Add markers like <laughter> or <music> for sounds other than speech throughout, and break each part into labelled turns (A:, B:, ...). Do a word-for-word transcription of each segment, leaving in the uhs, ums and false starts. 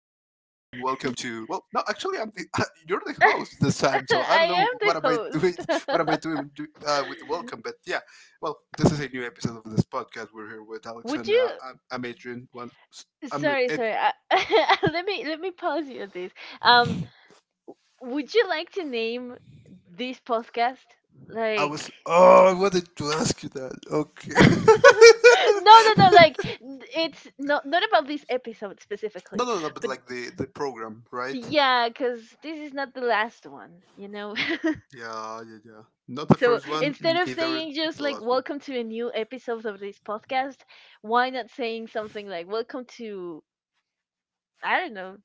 A: welcome to. Well, no, actually, I'm the, <laughs> you're the host this time, so I don't know
B: am
A: what
B: the
A: am I doing.
B: host.
A: What am I
B: <laughs>
A: doing do, uh, with the welcome? But yeah, well, this is a new episode of this podcast. We're here with
B: Would
A: Alexandra.
B: you?
A: I'm, I'm Adrian. One, I'm
B: Sorry,
A: it.
B: sorry. I, <laughs> let me let me pause you at this. Um, would you like to name this podcast
A: I
B: like?
A: was. Oh, I wanted to ask you that.
B: <laughs> No, no, no.
A: Okay.
B: Like
A: <laughs>
B: n- it's not not about this episode
A: No,
B: specifically,
A: no, no, but
B: but
A: like the the program, right?
B: yeah, because this is not the last one. You know. <laughs>
A: Yeah, yeah, yeah. Not the
B: So
A: first one,
B: instead of
A: either
B: saying just
A: the
B: like
A: last one.
B: welcome to a new episode of this podcast, why not saying something like welcome to I don't know.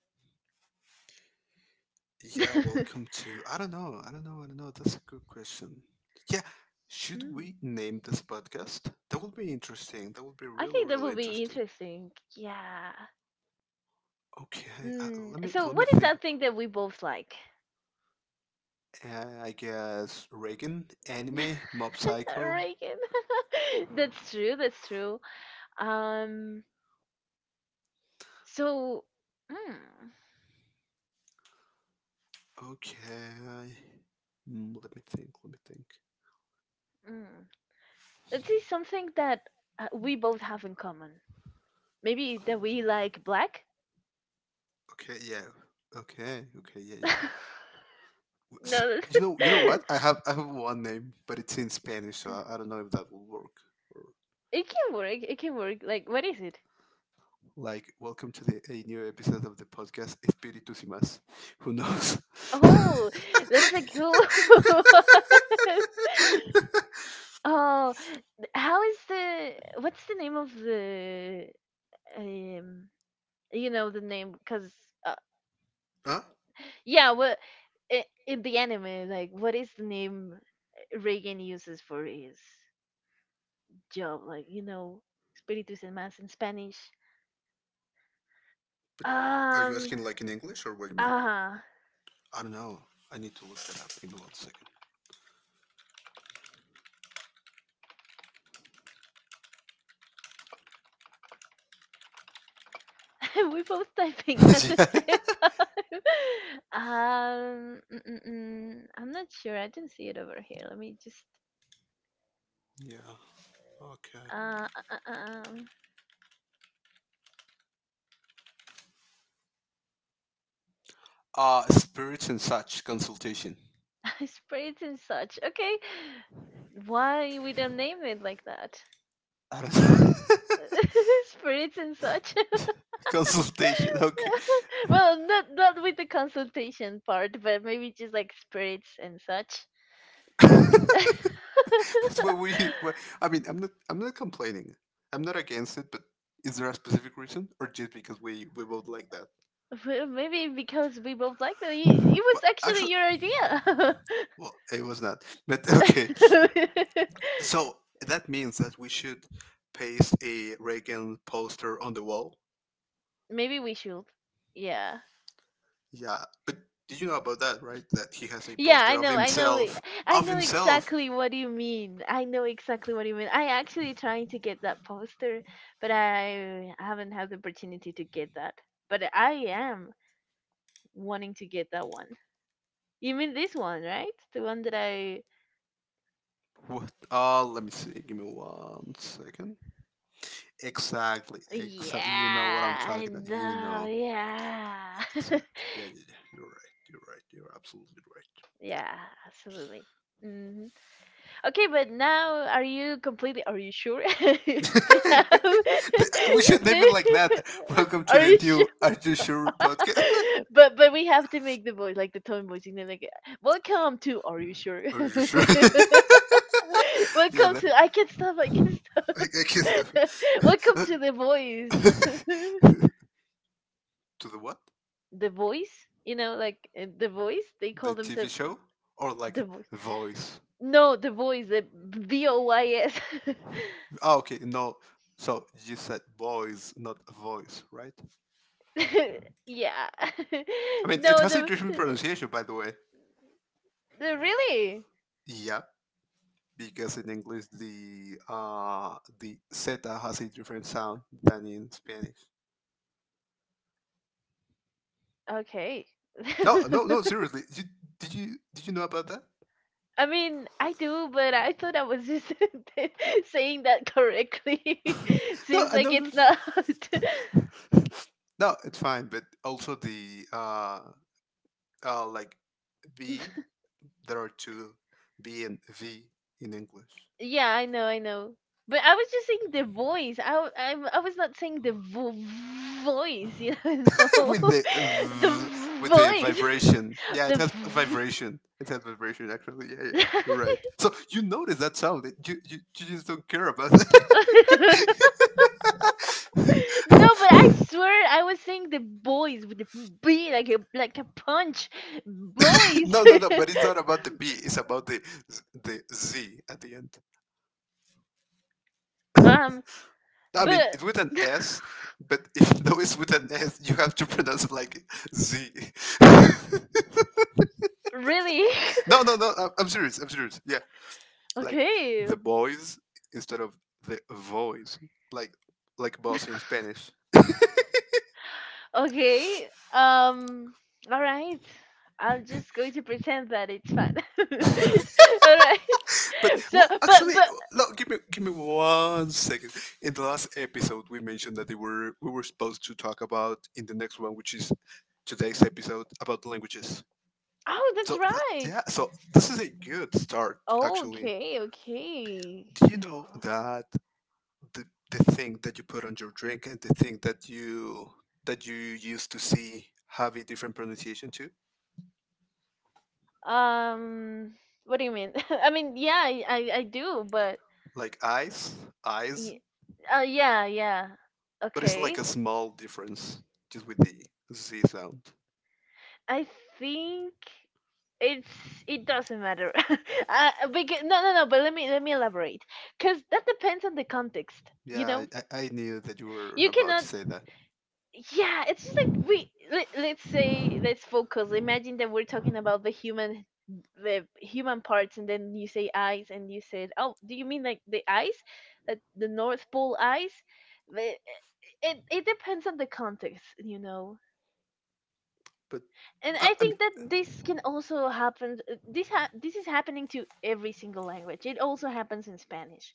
A: Yeah,
B: <laughs>
A: welcome to. I don't know. I don't know. I don't know. That's a good question. Yeah, should
B: Mm,
A: we name this podcast? That would be interesting. That would be
B: I
A: really,
B: think that
A: really
B: would be
A: interesting.
B: interesting. Yeah.
A: Okay, uh,
B: Mm.
A: let me
B: So
A: let me
B: what is
A: think.
B: that thing that we both like?
A: Uh, I guess Reagan anime, Mob
B: <laughs>
A: Psycho.
B: Reagan. <laughs> That's true, that's true. Um so mm,
A: Okay, Mm, let me think. Let me think.
B: mm. Let's see something that uh, we both have in common. Maybe that we like black?
A: Okay, yeah. Okay, okay, yeah, yeah.
B: <laughs>
A: S-
B: No,
A: You know, you know
B: that's-
A: what?
B: <laughs>
A: I have I have one name, but it's in Spanish, so I, I don't know if that will work. Or
B: it can work. It can work. Like, what is it?
A: like, welcome to the a new episode of the podcast Espíritus y más. Who knows?
B: Oh,
A: <laughs>
B: that's a cool <laughs> one. Oh, th- how is the what's the name of the um you know the name because uh,
A: Huh?
B: yeah. What I in the anime, like what is the name Reagan uses for his job, like you know, espíritus en más in Spanish.
A: But are you
B: Um,
A: asking like in English or what do you mean?
B: uh-huh.
A: I don't know. I need to look that up. Give me one second.
B: <laughs> We're both
A: <laughs>
B: typing at the
A: Yeah.
B: same time. <laughs> Um, mm, mm, mm, I'm not sure. I didn't see it over here. Let me just.
A: Yeah. Okay.
B: Uh, uh, uh, um,
A: Uh spirits and such consultation.
B: <laughs> sprays and such. Okay, why we don't name it like that?
A: I don't know.
B: <laughs> Spirits and such.
A: <laughs> Consultation. Okay.
B: <laughs> Well, not not with the consultation part, but maybe just like spirits and such.
A: but
B: <laughs>
A: what we, what- I mean, I'm not, I'm not complaining. I'm not against it, but is there a specific reason, or just because we we both like that?
B: Well, maybe because we both like that. It
A: Well,
B: was actually
A: actually,
B: your idea. <laughs>
A: well, it was not. But <laughs> okay, so
B: <laughs>
A: that means that we should paste a Reagan poster on the wall.
B: Maybe we should. Yeah.
A: Yeah, but did you know about that, right? That he has a
B: Yeah,
A: poster
B: I
A: of
B: know. I know. e-
A: himself,
B: I
A: of
B: know
A: himself.
B: exactly what you mean. I know exactly what you mean. I actually trying to get that poster, but I haven't had the opportunity to get that. But I am wanting to get that one. You mean this one, right? The one that I
A: What? Uh, let me see. Give me one second. Exactly. Exactly. You know what I'm
B: Yeah,
A: talking
B: I
A: about. You
B: know.
A: know.
B: Yeah.
A: Exactly. Yeah, yeah, yeah. You're right. You're right. You're absolutely
B: <laughs> Yeah, absolutely. Mm-hmm. Okay, but now are you completely? Are you sure? <laughs>
A: right.
B: No.
A: Yeah.
B: <laughs>
A: <laughs> The- we should
B: No.
A: name it like that. Welcome
B: <laughs>
A: to
B: Are
A: the
B: you sure?
A: new Are You Sure podcast.
B: <laughs> But but we have to make the voice like the tone voice, you know, like welcome to. Are you sure?
A: <laughs> Are you sure?
B: <laughs>
A: <laughs> Yeah.
B: Welcome
A: The,
B: to. I can stop. I can stop.
A: I, I can't stop.
B: <laughs> Welcome to the voice.
A: <laughs>
B: <laughs>
A: To the what?
B: The voice, you know, like uh, the voice. They call
A: The T V
B: themselves
A: show or like
B: the voice.
A: voice?
B: No, the voice. The V O Y S. <laughs>
A: Oh, okay. No. So you said voice, not voice, right?
B: <laughs> Yeah.
A: I
B: <laughs>
A: mean, it
B: no,
A: has a
B: the,
A: different pronunciation, by the way.
B: the really
A: Yeah, because in English the uh the Z has a different sound than in Spanish.
B: okay.
A: No,
B: <laughs>
A: no, no. Seriously, you, did you did you know about that?
B: I mean, I do, but I thought I was just <laughs> saying that correctly. <laughs>
A: No,
B: Seems
A: I
B: like
A: know
B: it's
A: this.
B: not.
A: <laughs> No, it's fine. But also the uh uh like B, there are two B and V in English.
B: <laughs> Yeah, I know, I know. But I was just saying the voice. I w- I'm, I was not saying the vo- voice. You know, <laughs>
A: <laughs>
B: no.
A: with the
B: <laughs> The
A: v, with the
B: voice,
A: vibration.
B: <laughs>
A: Yeah, it has
B: the.
A: vibration. It has vibration actually. Yeah, yeah, you're right.
B: V-
A: So you notice that sound. It- You you, you just don't care about <laughs> it.
B: <laughs> No, but I swear I was saying the boys with the B like a like a punch. Boys.
A: No, no, no. But it's not about the B. It's about the the Z at the end.
B: <laughs> um
A: I mean,
B: but
A: it's with an
B: <laughs>
A: S, but if <laughs> though it's with an S, you have to pronounce it like Z. <laughs> No,
B: really? <laughs>
A: no, no. I'm, I'm serious. I'm serious. Yeah, like
B: Okay.
A: the boys instead of the voice, like like boss in Spanish.
B: Okay. Um all right. I'm just going to pretend that it's fun. <laughs> All right. <laughs>
A: But
B: So
A: well,
B: but
A: actually,
B: but
A: no. Give me give me one second. In the last episode, we mentioned that they were we were supposed to talk about in the next one, which is today's episode about languages.
B: oh, that's
A: So th- yeah,
B: right.
A: so this is a good start actually.
B: Okay, okay.
A: Do you know that the the thing that you put on your drink and the thing that you that you used to see have a different pronunciation too?
B: Um what do you mean? <laughs> I mean, yeah, I I I do, but
A: Like eyes, eyes,
B: Y- uh, yeah, yeah.
A: but it's like
B: Okay.
A: a small difference just with the z sound.
B: I think it's it doesn't matter. <laughs> Uh, because, no, no, no. But let me let me elaborate, because that depends on the context.
A: Yeah,
B: You
A: I,
B: know,
A: I I knew that you were
B: you
A: about to
B: cannot.
A: say that,
B: Yeah, it's just like we let, let's say let's focus. Imagine that we're talking about the human the human parts, and then you say eyes, and you said, oh, do you mean like the eyes, like the North Pole eyes? The, it it depends on the context, you know,
A: but
B: and
A: I,
B: I
A: I mean,
B: think that this can also happen. Uh, This ha- this is happening to every single language. It also happens in Spanish.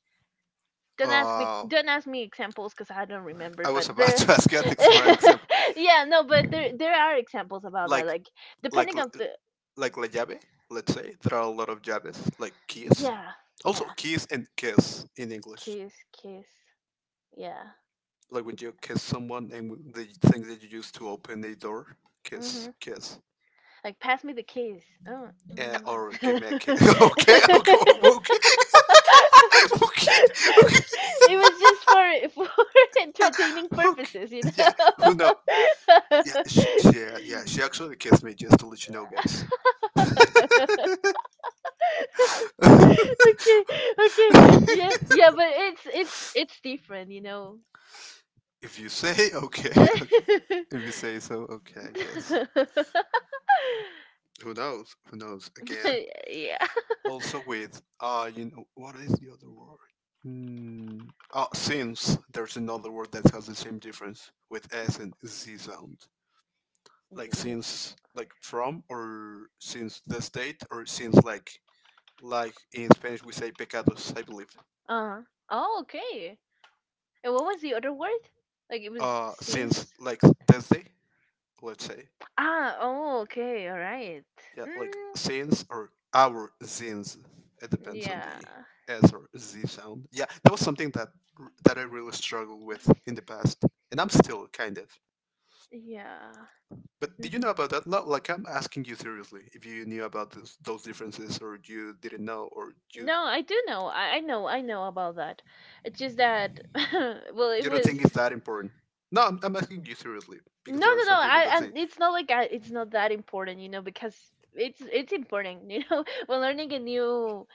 B: Don't ask me.
A: uh,
B: Don't ask me examples because I don't remember.
A: I was
B: But
A: about <laughs>
B: there,
A: to ask you for an
B: <laughs>
A: example,
B: yeah, no, but there there are examples about that.
A: like
B: Like
A: like
B: depending on the
A: like la llave, let's say, there are a lot of llaves, like keys.
B: yeah
A: Also,
B: yeah
A: keys and kiss in English.
B: kiss kiss yeah
A: Like when you kiss someone and w- the thing that you use to open a door, kiss,
B: mhm
A: kiss,
B: like pass me the kiss oh
A: uh, or give me a kiss.
B: mwah.
A: <laughs> Okay, okay, okay,
B: <laughs> <laughs>
A: <laughs> okay, okay,
B: It was just for <laughs> for entertaining
A: okay.
B: purposes, you
A: Yeah, who know?
B: know.
A: Yeah, she, she,
B: <laughs>
A: uh, yeah, she actually kissed me just to let you know, guys.
B: Okay,
A: <laughs>
B: okay, yeah, yeah, but it's it's it's different, you know.
A: If you say <laughs> okay, okay. If you
B: <laughs>
A: say so, okay, I guess.
B: <laughs>
A: Who knows? Who knows? Again,
B: Yeah.
A: also with uh, you know, what is the other word? Mm. Oh, since there's another word that has the same difference with s and z sound, like
B: W-
A: since, like from, or since the state, or since like like in Spanish we say pecados, I believe.
B: Uh. Oh, okay. And what was the other word? Like it was
A: Uh, since
B: since.
A: like desde, let's say,
B: Ah. Oh. Okay. All right.
A: yeah, like
B: Mm,
A: zines or our zines. It depends on the
B: yeah.
A: S or Z sound. Yeah, that was something that that I really struggled with in the past, and I'm still kind of.
B: Yeah.
A: But did you know
B: Hmm.
A: about that? No, like I'm asking you seriously, if you knew about this, those differences, or you didn't know, or you
B: No, I do know. I, I know. I know about that. It's just that, <laughs> well, it
A: you don't
B: was
A: think it's that important. No, I'm, I'm asking you seriously because
B: no,
A: there are
B: no,
A: some
B: no.
A: people
B: I
A: that
B: and
A: say
B: it's not like I, it's not that important, you know, because it's it's important, you know. <laughs> When learning a new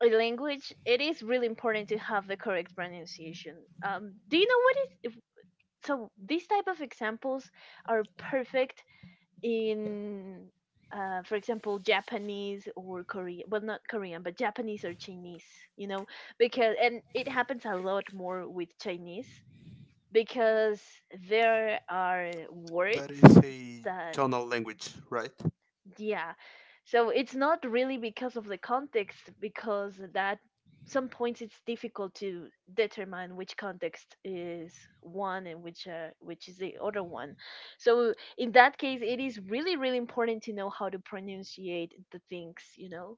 B: language, it is really important to have the correct pronunciation. Um, do you know what is? if- So these type of examples are perfect in, uh, for example, Japanese or Korean, well, not Korean, but Japanese or Chinese, you know, because, and it happens a lot more with Chinese, because there are
A: that
B: words
A: is a
B: that
A: tonal language, right?
B: yeah. So it's not really because of the context, because that some points it's difficult to determine which context is one and which uh, which is the other one. So in that case, it is really really important to know how to pronunciate the things. You know.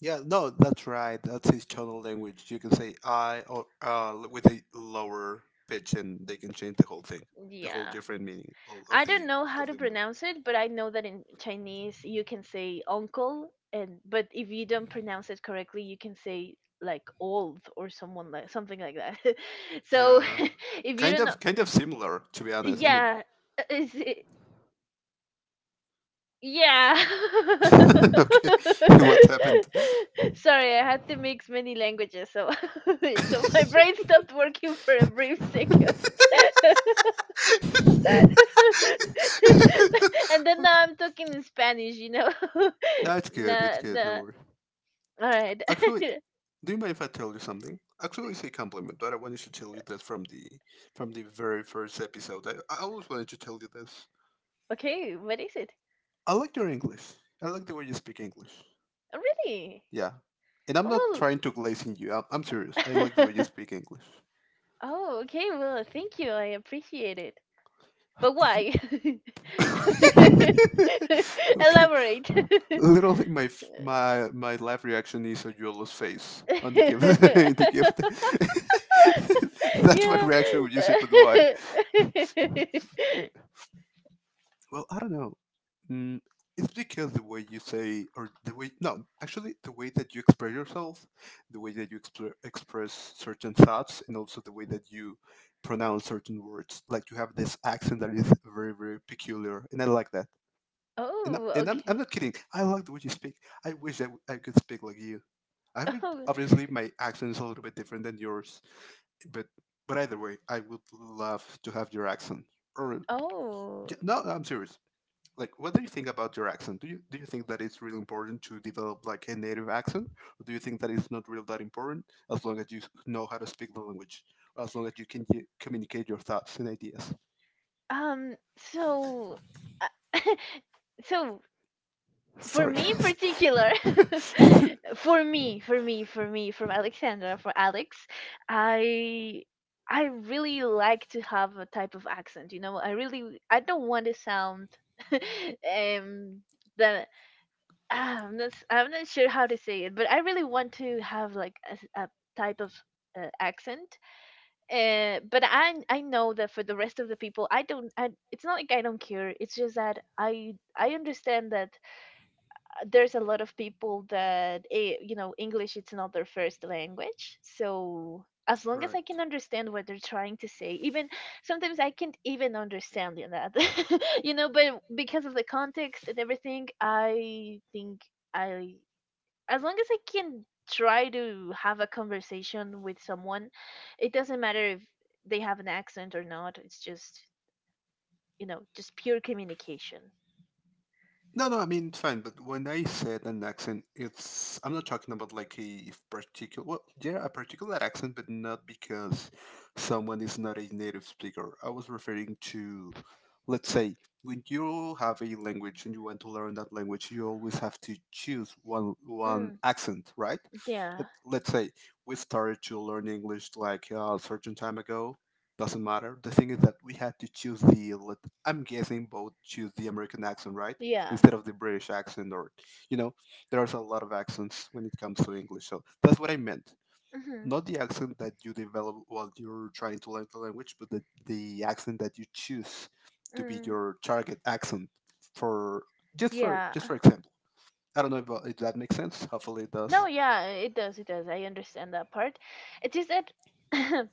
A: Yeah, no, that's right. That's his tonal language. You can say I or uh with a lower pitch, and they can change the whole thing, the whole
B: Yeah.
A: different meaning all of
B: I don't
A: the
B: know how
A: of
B: to
A: the word.
B: pronounce it, but I know that in Chinese you can say uncle, and but if you don't pronounce it correctly, you can say like old or someone like something like that. <laughs> So
A: Yeah,
B: <laughs> if you
A: kind
B: don't know,
A: of, kind of similar, to be honest. I mean,
B: yeah, uh, is it, yeah. <laughs>
A: <laughs> okay, <laughs> what happened?
B: Sorry, I had to mix many languages, so <laughs> so my brain stopped working for a brief second. <laughs> <laughs>
A: <laughs>
B: And then
A: Okay,
B: now I'm talking in Spanish, you know.
A: no, it's
B: <laughs>
A: good.
B: Nah,
A: It's good. No
B: nah.
A: worry.
B: All right. <laughs>
A: Actually, do you mind if I tell you something? Actually, it's a compliment, but I wanted to tell you that from the from the very first episode. I, I always wanted to tell you this.
B: Okay, what is it?
A: I like your English. I like the way you speak English.
B: Oh, really?
A: Yeah. And I'm not
B: Well.
A: trying to glaze in you. I'm, I'm serious. I like the way you
B: <laughs>
A: speak English.
B: Oh, okay. Well, thank you. I appreciate it. But
A: If you
B: why?
A: <laughs>
B: <laughs>
A: okay.
B: Elaborate.
A: Literally my f- my my live reaction is a jeweler's face on the gift <laughs> the gift. <laughs>
B: <laughs>
A: That's my
B: Yeah.
A: reaction when you say but why?
B: <laughs>
A: Well, I don't know. Mm, it's because the way you say, or the way, no, actually, the way that you express yourself, the way that you expre- express certain thoughts, and also the way that you pronounce certain words. Like you have this accent that is very, very peculiar, and I like that. And, I,
B: Oh,
A: and I'm, I'm
B: okay.
A: not kidding. I like the way you speak. I wish I, w- I could speak like you. I mean,
B: Oh,
A: obviously, my accent is a little bit different than yours, but but either way, I would love to have your accent. Or,
B: oh.
A: yeah, no, I'm serious, like what do you think about your accent? Do you do you think that it's really important to develop like a native accent, or do you think that it's not really that important as long as you know how to speak the language, or as long as you can y- communicate your thoughts and ideas,
B: Um, so, uh, <laughs> so for
A: sorry,
B: me in particular, <laughs>
A: <laughs>
B: for me, for me, for me, from Alexandra, for Alex, I I really like to have a type of accent. You know, I really I don't want to sound <laughs> um that ah, I'm not s- I'm not sure how to say it, but I really want to have like a, s- a type of uh, accent, uh, but I I know that for the rest of the people, I don't. I, it's not like I don't care. It's just that I I understand that, uh, there's a lot of people that eh, you know English it's not their first language. So as long as I can
A: right?
B: understand what they're trying to say, even sometimes I can't even understand you know, that, <laughs> you know. But because of the context and everything, I think I as long as I can try to have a conversation with someone, it doesn't matter if they have an accent or not. It's just, you know, just pure communication.
A: No, no, I mean it's fine. But when I said an accent, it's I'm not talking about like a particular. Well, yeah, a particular accent, but not because someone is not a native speaker. I was referring to, let's say, when you have a language and you want to learn that language, you always have to choose one one
B: Mm,
A: accent, right?
B: yeah.
A: Let- Let's say we started to learn English like uh, a certain time ago. Doesn't matter. The thing is that we had to choose the. let- I'm guessing both choose the American accent, right?
B: Yeah.
A: Instead of the British accent, or you know, there's a lot of accents when it comes to English. So that's what I meant.
B: Hmm.
A: Not the accent that you develop while you're trying to learn the language, but the, the accent that you choose to be
B: Mm,
A: your target accent for just for
B: yeah.
A: just for example. I don't know if, uh, if that makes sense. Hopefully it
B: No,
A: does.
B: yeah, it does. It does. I understand that part. It's just that <laughs>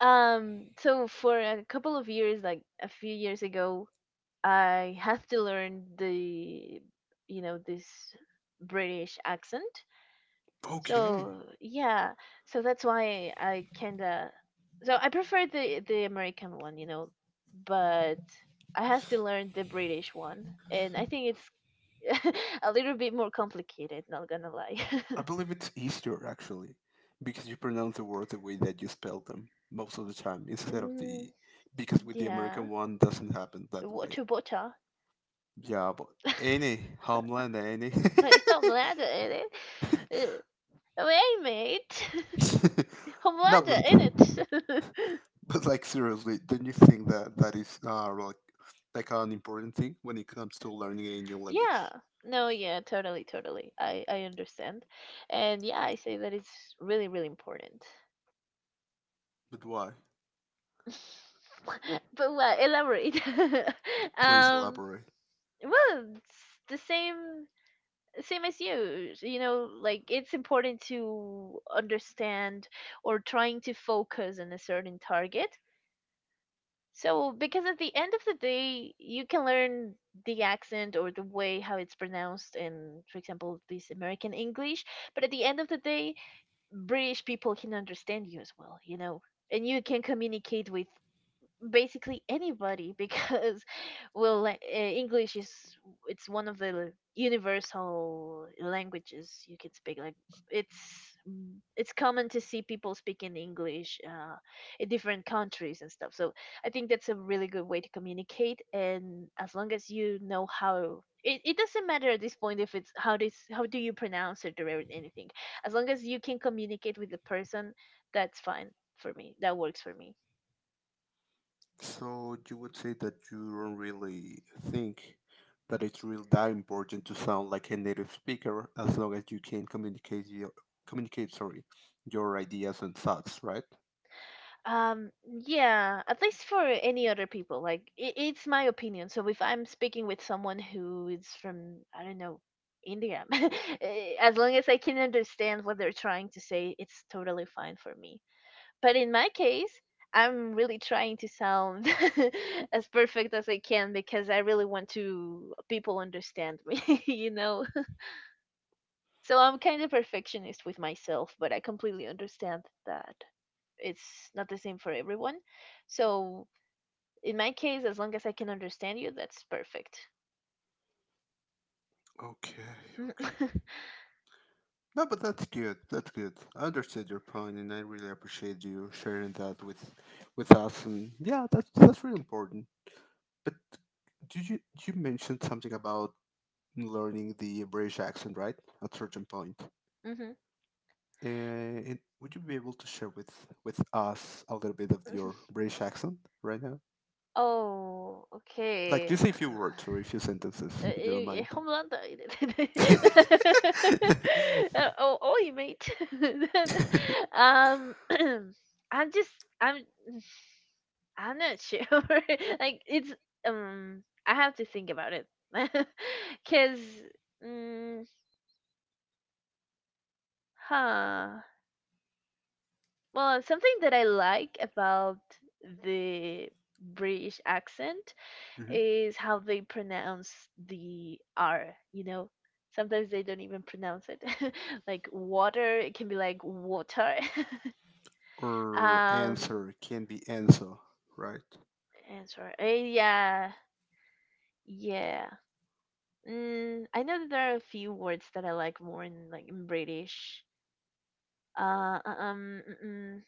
B: um so for a couple of years like a few years ago, I have to learn the you know, this British accent.
A: Okay.
B: So yeah, so that's why I kinda so I prefer the the American one, you know, but I have to learn the British one, and I think it's <laughs> a little bit more complicated. Not gonna lie.
A: I
B: <laughs>
A: believe it's easier actually because you pronounce the words the way that you spell them most of the time instead of
B: mm,
A: the because with the
B: yeah,
A: American one doesn't happen that way.
B: what a bota.
A: Yeah, but
B: <laughs>
A: any Homeland, any.
B: Like Homelander in it. Uh, wait, mate. <laughs>
A: <laughs> No, but
B: Homelander in it. <laughs>
A: but like seriously, don't you think that that is uh like like an important thing when it comes to learning a new
B: Yeah.
A: language?
B: No, yeah, totally, totally. I I understand. And yeah, I say that it's really, really important.
A: But why?
B: <laughs> But what? Elaborate. <laughs>
A: Please
B: Um,
A: elaborate.
B: well, it's the same same as you. You know, like it's important to understand or trying to focus on a certain target. So, because at the end of the day, you can learn the accent or the way how it's pronounced in, for example, this American English, but at the end of the day, British people can understand you as well, you know, and you can communicate with basically anybody because <laughs> well la- eh, english is it's one of the universal languages you can speak like it's mm, it's common to see people speaking english, uh, in different countries and stuff, so I think that's a really good way to communicate, and as long as you know how it, it doesn't matter at this point if it's how this how do you pronounce it or anything, as long as you can communicate with the person, that's fine. For me that works for me.
A: So you would say that you don't really think that it's really that important to sound like a native speaker as long as you can communicate your communicate, sorry, your ideas and thoughts, right?
B: Um, yeah, at least for any other people, like I it's my opinion. So if I'm speaking with someone who is from, I don't know, India, <laughs> eh, as long as I can understand what they're trying to say, it's totally fine for me. But in my case, I'm really trying to sound <laughs> as perfect as I can because I really want to people understand me, <laughs> you know. So I'm kind of perfectionist with myself, but I completely understand that it's not the same for everyone. So in my case, as long as I can understand you, that's perfect.
A: Okay,
B: <laughs> hmm.
A: no, but that's good. That's good. I understood your point, and I really appreciate you sharing that with with us. And yeah, that's that's really important. But did you you mentioned something about learning the British accent, right? At certain point,
B: <laughs>
A: uh, and would you be able to share with with us a little bit of your British accent right now?
B: Oh,
A: Like,
B: okay.
A: just a few words
B: Uh,
A: or a few sentences, if you don't
B: eh, eh,
A: mind.
B: hold on. <laughs>
A: <laughs>
B: Uh, oh, oh, mate. <laughs> um, <clears throat> I'm just, I'm, I'm not sure. <laughs> Like, it's, um, I have to think about it, <laughs> cause, mm, huh. Well, something that I like about the British accent
A: Mhm.
B: is how they pronounce the R, you know? Sometimes they don't even pronounce it. <laughs> like water, it can be like water. <laughs>
A: Or
B: um,
A: answer can be answer, right?
B: and sorry. Uh, yeah. Yeah. Mm, I know that there are a few words that I like more in like in British. Uh, uh, um, mm, mm,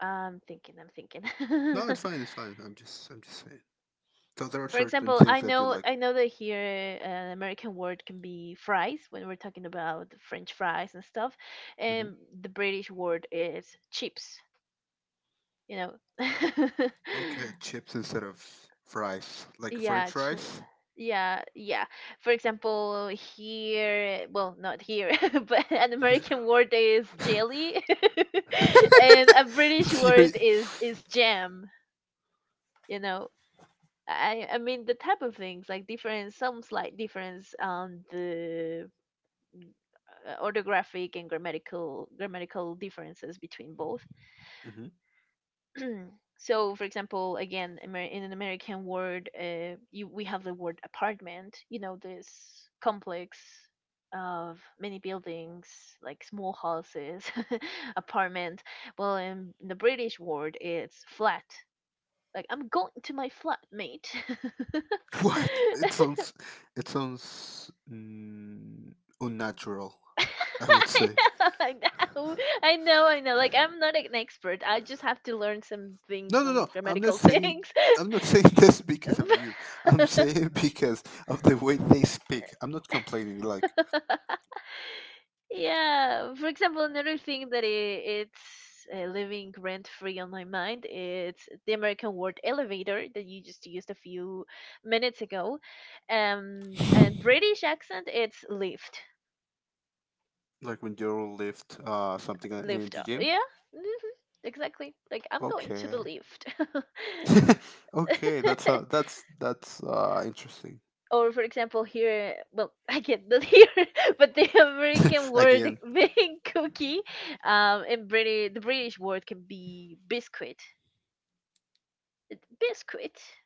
B: I'm thinking, I'm thinking.
A: No,
B: <laughs>
A: it's fine. It's fine. I'm just, I'm just saying. So there are
B: For
A: certain
B: example,
A: things
B: I
A: that you
B: know
A: like.
B: I know that here eh, an American word can be fries when we're talking about French fries and stuff,
A: Hmm
B: and the British word is chips. You know, <laughs>
A: Okay, chips instead of fries, like French
B: yeah, ch-
A: fries.
B: yeah, yeah. For example, here, well, not here, <laughs> but an American word is jelly, <laughs>
A: <laughs>
B: and a British
A: You're-
B: word is is jam. You know, I I mean the type of things like difference, some slight difference on the uh, orthographic and grammatical grammatical differences between both.
A: Mhm.
B: <clears throat> so, for example, again, Amer- in an American word, uh, you, we have the word apartment. You know, this complex of many buildings, like small houses, <laughs> apartment. Well, in the British word, it's flat. Like I'm going to my flat, mate.
A: What? It
B: <laughs>
A: sounds, it sounds mm, unnatural,
B: <laughs>
A: I would say.
B: I know, I know, I know. Like I'm not an expert. I just have to learn some things,
A: No, no,
B: some
A: no. I'm not
B: grammatical
A: saying.
B: things.
A: I'm not saying <laughs> this because of you. I'm
B: <laughs> But-
A: saying <laughs> because of the way they speak. I'm not complaining. Like,
B: <laughs> yeah. For example, another thing that i- it's uh, living rent free on my mind, it's the American word elevator that you just used a few minutes ago. Um, and British accent, it's lift,
A: like when you lift uh something in
B: lift
A: the
B: up.
A: gym.
B: Yeah. Hmm. Exactly. Like I'm going to the
A: Okay.
B: lift. <laughs>
A: <laughs> Okay, that's uh,
B: <laughs>
A: that's that's uh, interesting.
B: or for example, here, well, <laughs> I get that here, <laughs> but the American
A: <laughs>
B: word
A: Again,
B: <laughs> being cookie, um and British, the British word can be biscuit, biscuit.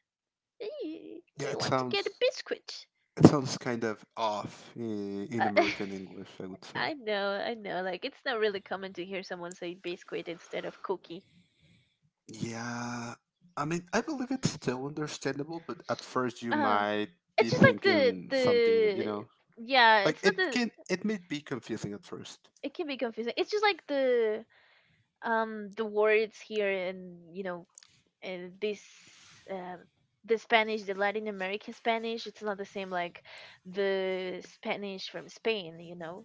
B: Eh, do
A: yeah,
B: you
A: it
B: want to get a
A: sounds
B: biscuit?
A: it sounds kind of off in,
B: uh,
A: in
B: <laughs>
A: American English, I would say.
B: i know i know. Like, it's not really common to hear someone say biscuit instead of cookie.
A: Yeah, I mean, I believe it's still understandable, but at first you
B: uh
A: might be
B: it's just like the
A: thinking something, you
B: the
A: know,
B: yeah,
A: like
B: it's not
A: it
B: the,
A: can it may be confusing at first.
B: it can be confusing. It's just like the um the words here in, you know uh, this, uh, the Spanish, the Latin American Spanish, it's not the same like the Spanish from Spain, you know.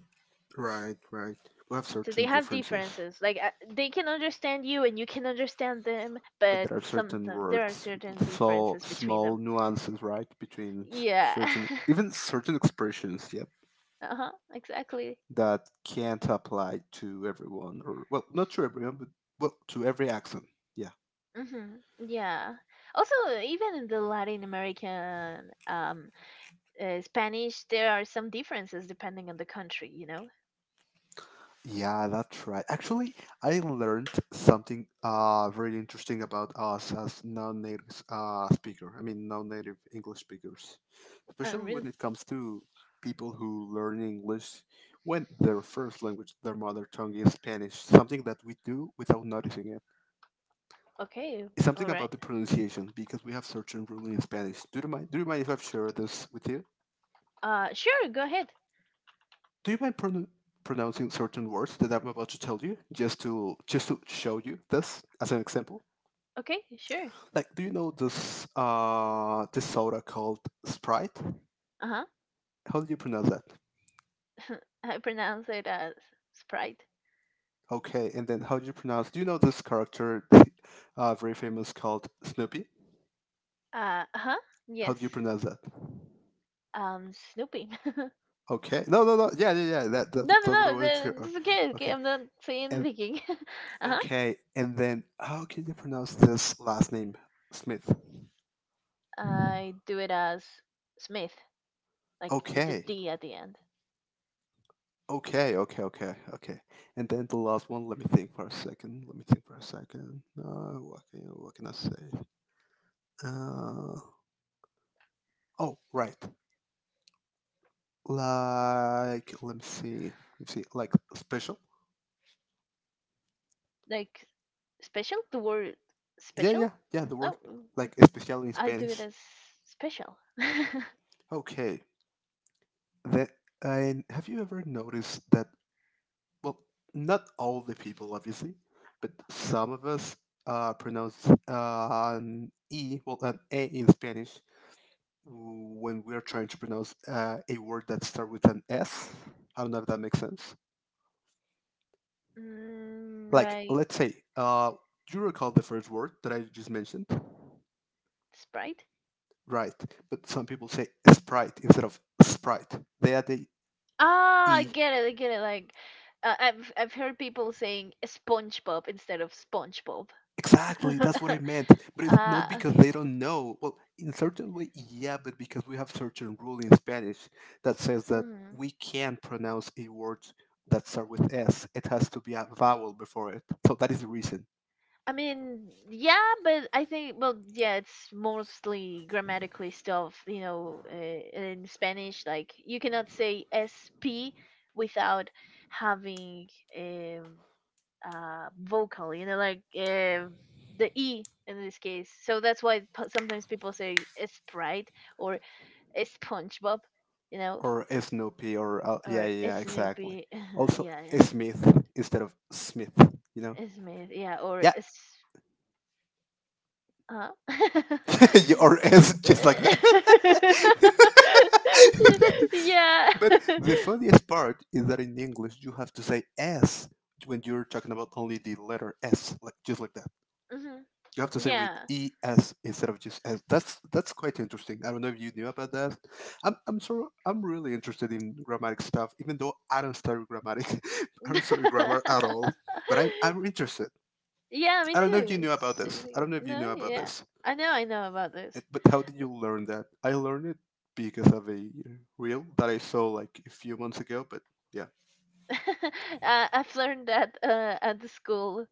A: Right, right. We have
B: So
A: certain
B: they have
A: differences,
B: differences. Like uh, they can understand you, and you can understand them,
A: but
B: but
A: there are
B: some
A: certain
B: there are
A: words,
B: certain
A: so
B: differences between
A: small
B: them.
A: nuances, right, between s-
B: Yeah.
A: certain even certain expressions. Yeah,
B: <laughs> uh-huh. Exactly.
A: that can't apply to everyone, or well, not to everyone, but well, to every accent. Yeah,
B: Mm-hmm. Yeah. Also, even in the Latin American um uh, Spanish, there are some differences depending on the country, you know.
A: yeah, that's right. Actually, I learned something uh very interesting about us as non-native uh speaker. I mean non-native English speakers,
B: Oh,
A: especially when
B: really?
A: it comes to people who learn English, when their first language, their mother tongue is Spanish. Something that we do without noticing it,
B: Okay.
A: it's something
B: All right.
A: about the pronunciation, because we have certain rules in Spanish. Do you mind do you mind if I've shared this with you?
B: Uh, sure, go ahead.
A: Do you mind pron- Pronouncing certain words that I'm about to tell you, just to just to show you this as an example?
B: Okay, sure.
A: Like, do you know this uh this soda called Sprite?
B: Uh
A: How do you pronounce that?
B: huh. <laughs> I pronounce it as Sprite.
A: Okay, and then how do you pronounce? Do you know this character, uh, very famous called Snoopy?
B: Uh huh.
A: How
B: Yes.
A: do you pronounce that?
B: Um, Snoopy. <laughs> no,
A: Okay, no, no, no, yeah, yeah, yeah. That, that
B: no,
A: that's what I
B: no.
A: wanted to hear.
B: the-
A: Uh,
B: It's okay. Okay,
A: Okay,
B: I'm not saying
A: and
B: anything. <laughs> uh huh.
A: okay, and then how can you pronounce this last name, Smith?
B: I do it as Smith, like with the
A: Okay,
B: D at the end,
A: okay, okay, okay, okay, And then the last one, let me think for a second. Let me think for a second. Uh, what can what can I say? Uh, oh, right. Like, let me see. Let me see. Like special.
B: like special. The word
A: Yeah,
B: special.
A: yeah, yeah. The word
B: Oh, mm, like
A: like especial in
B: I do it
A: Spanish.
B: as special. <laughs>
A: Okay. Then, and have you ever noticed that? Well, not all the people, obviously, but some of us uh pronounce uh, an e, well, an a in Spanish when we are trying to pronounce uh, a word that starts with an S. I don't know if that makes sense.
B: mm,
A: Like,
B: like
A: let's say, uh, do you recall the first word that I just mentioned?
B: Sprite.
A: Right. But some people say sprite instead of sprite. They add the
B: Ah, I
A: E.
B: get it. I get it. Like, uh, I've I've heard people saying SpongeBob instead of SpongeBob.
A: Exactly. That's what I
B: <laughs>
A: meant. But it's not
B: Ah,
A: because
B: okay.
A: they don't know. Well, in certain way, yeah, but because we have certain rule in Spanish that says that
B: Mm.
A: we can't pronounce a word that start with S. It has to be a vowel before it. So that is the reason.
B: I mean, yeah, but I think, well, yeah, it's mostly grammatically stuff, you know, uh, in Spanish. Like, you cannot say S P without having um uh, vocal, you know, like um the E in this case. So that's why p- sometimes people say Sprite or it's SpongeBob, you know,
A: Or Snoopy or uh, yeah,
B: or
A: yeah, yeah,
B: it's
A: exactly.
B: Snoopy. <laughs>
A: Also,
B: yeah,
A: Smith instead of Smith, you know?
B: it's me. Yeah, or
A: Yeah,
B: it's, huh?
A: <laughs> You- or S just like that.
B: <laughs> yeah.
A: <laughs> But
B: <laughs>
A: the funniest part is that in English you have to say S when you're talking about only the letter S, like just like
B: hmm.
A: you have to say with
B: Yeah.
A: es instead of just s. That's that's quite interesting. I don't know if you knew about that. I'm I'm sure I'm really interested in grammatic stuff, even though I don't study grammatic. <laughs> I don't study
B: <laughs>
A: grammar at all, but I'm I'm interested.
B: yeah, me
A: I don't know if you
B: too.
A: knew about
B: So,
A: this. I
B: yeah.
A: don't know if you
B: No,
A: knew about
B: yeah.
A: this.
B: I know I know about
A: Uh,
B: this.
A: But how did you learn that? I learned it because of a reel that I saw like a few months ago. But yeah,
B: <laughs> uh, I've learned that uh, at the school.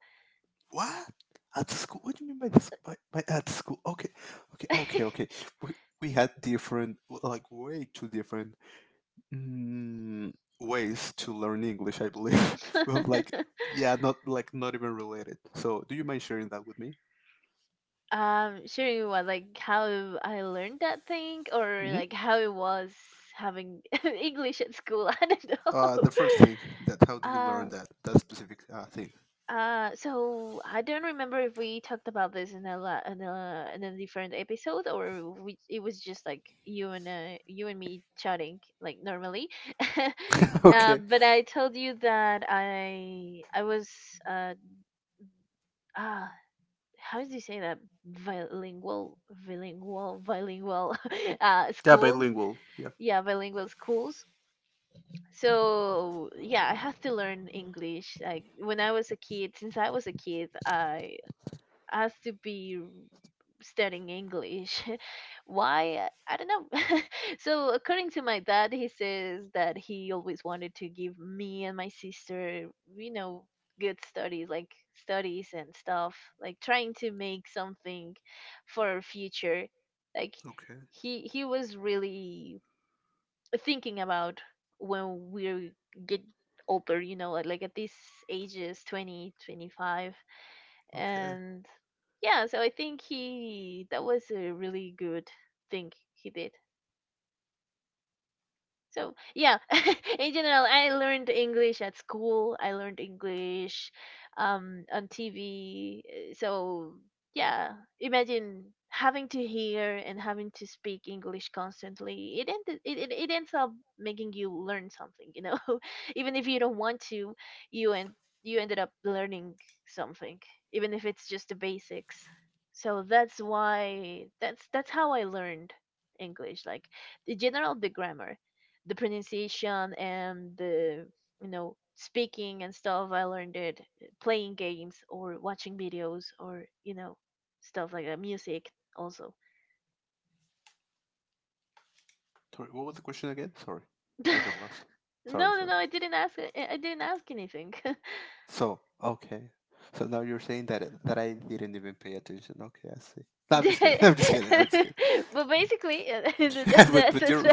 A: what? At the school? What do you mean by this? By, by at the school? Okay, okay, okay, okay. We we had different, like, way too different mm, ways to learn English. I believe <laughs> we have like,
B: <laughs>
A: yeah, not like not even related. So, do you mind sharing that with me?
B: Um, sharing what, like how I learned that thing, or
A: Hmm
B: like how it was having <laughs> English at school. <laughs> I don't
A: Uh,
B: know.
A: the first thing that how do you
B: Uh,
A: learn that that specific uh, thing?
B: uh, so I don't remember if we talked about this in a la- in a in a different episode, or we it was just like you and uh, you and me chatting like normally. <laughs>
A: <laughs> Okay.
B: Um, but I told you that I I was, uh, ah. how do you say that, bilingual bilingual bilingual <laughs> uh,
A: Yeah,
B: schools,
A: bilingual. Yeah.
B: yeah, bilingual schools. So yeah, I had to learn English like when I was a kid, since I was a kid, I has to be studying English. <laughs> Why? I don't know. <laughs> so, according to my dad, he says that he always wanted to give me and my sister, you know, good studies, like studies and stuff, like trying to make something for our future. Like
A: Okay.
B: he he was really thinking about when we get older, you know, like like at these ages, twenty, twenty five,
A: Okay.
B: and yeah, so I think he that was a really good thing he did. So yeah, <laughs> in general, I learned English at school. I learned English um, on T V. uh, So yeah, imagine having to hear and having to speak English constantly. It end, it, it it ends up making you learn something, you know. <laughs> Even if you don't want to, you and you ended up learning something, even if it's just the basics. So that's why that's that's how I learned English, like the general, the grammar, the pronunciation, and the, you know speaking and stuff. I learned it playing games or watching videos or you know stuff like that, music also.
A: Sorry. What was the question again? Sorry,
B: <laughs> no,
A: I got lost. Sorry.
B: no,
A: Sorry.
B: no, I didn't ask. i I didn't ask anything. <laughs>
A: So, okay. So now you're saying that that I didn't even pay attention. Okay, I see. No, I'm just kidding. <laughs>
B: The-
A: I'm just kidding. I'm just kidding.
B: <laughs> but basically, <laughs> that-
A: <laughs> but
B: that's
A: but
B: it.
A: you're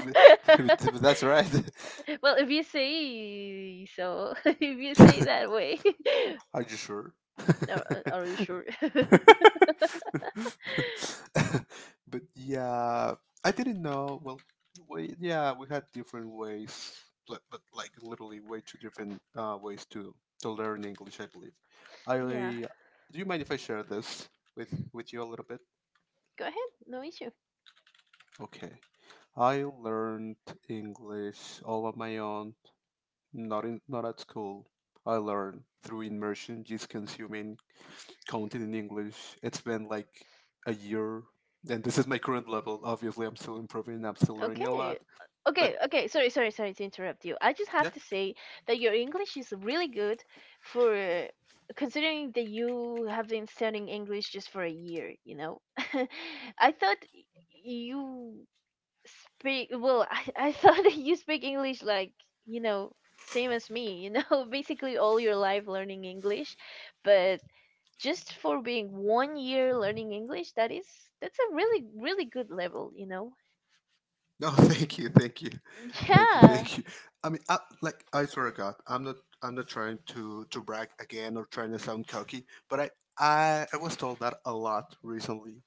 A: but, but that's right.
B: <laughs> well, if you say so, <laughs> if you say that
A: <laughs>
B: way.
A: Are you sure?
B: <laughs> are, are you sure?
A: <laughs> But yeah, I didn't know. Well, we, yeah, we had different ways, but, but like literally way two different uh, ways to to learn English, I believe. I
B: <laughs> yeah,
A: do you mind if I share this with with you a little bit?
B: go ahead, no issue.
A: Okay. I learned English all on my own, not in, not at school. I learned through immersion, just consuming content in English. It's been like a year, and this is my current level. Obviously, I'm still improving. I'm still learning a
B: Okay.
A: lot.
B: Uh, Okay,
A: But
B: okay. Sorry, sorry, sorry to interrupt you. I just
A: yeah,
B: have to say that your English is really good for, uh, considering that you have been studying English just for a year, you know? <laughs> I thought y- you speak, well, I, I <laughs> thought that you speak English like, you know, same as me, you know, <laughs> basically all your life learning English, but just for being one year learning English, that is that's a really really good level, you know.
A: no, <laughs> thank you, thank you,
B: <laughs>
A: thank you,
B: Yeah.
A: thank you. I mean, I, like I swear to God, I'm not, I'm not trying to to brag again or trying to sound cocky, but I, I, I was told that a lot recently,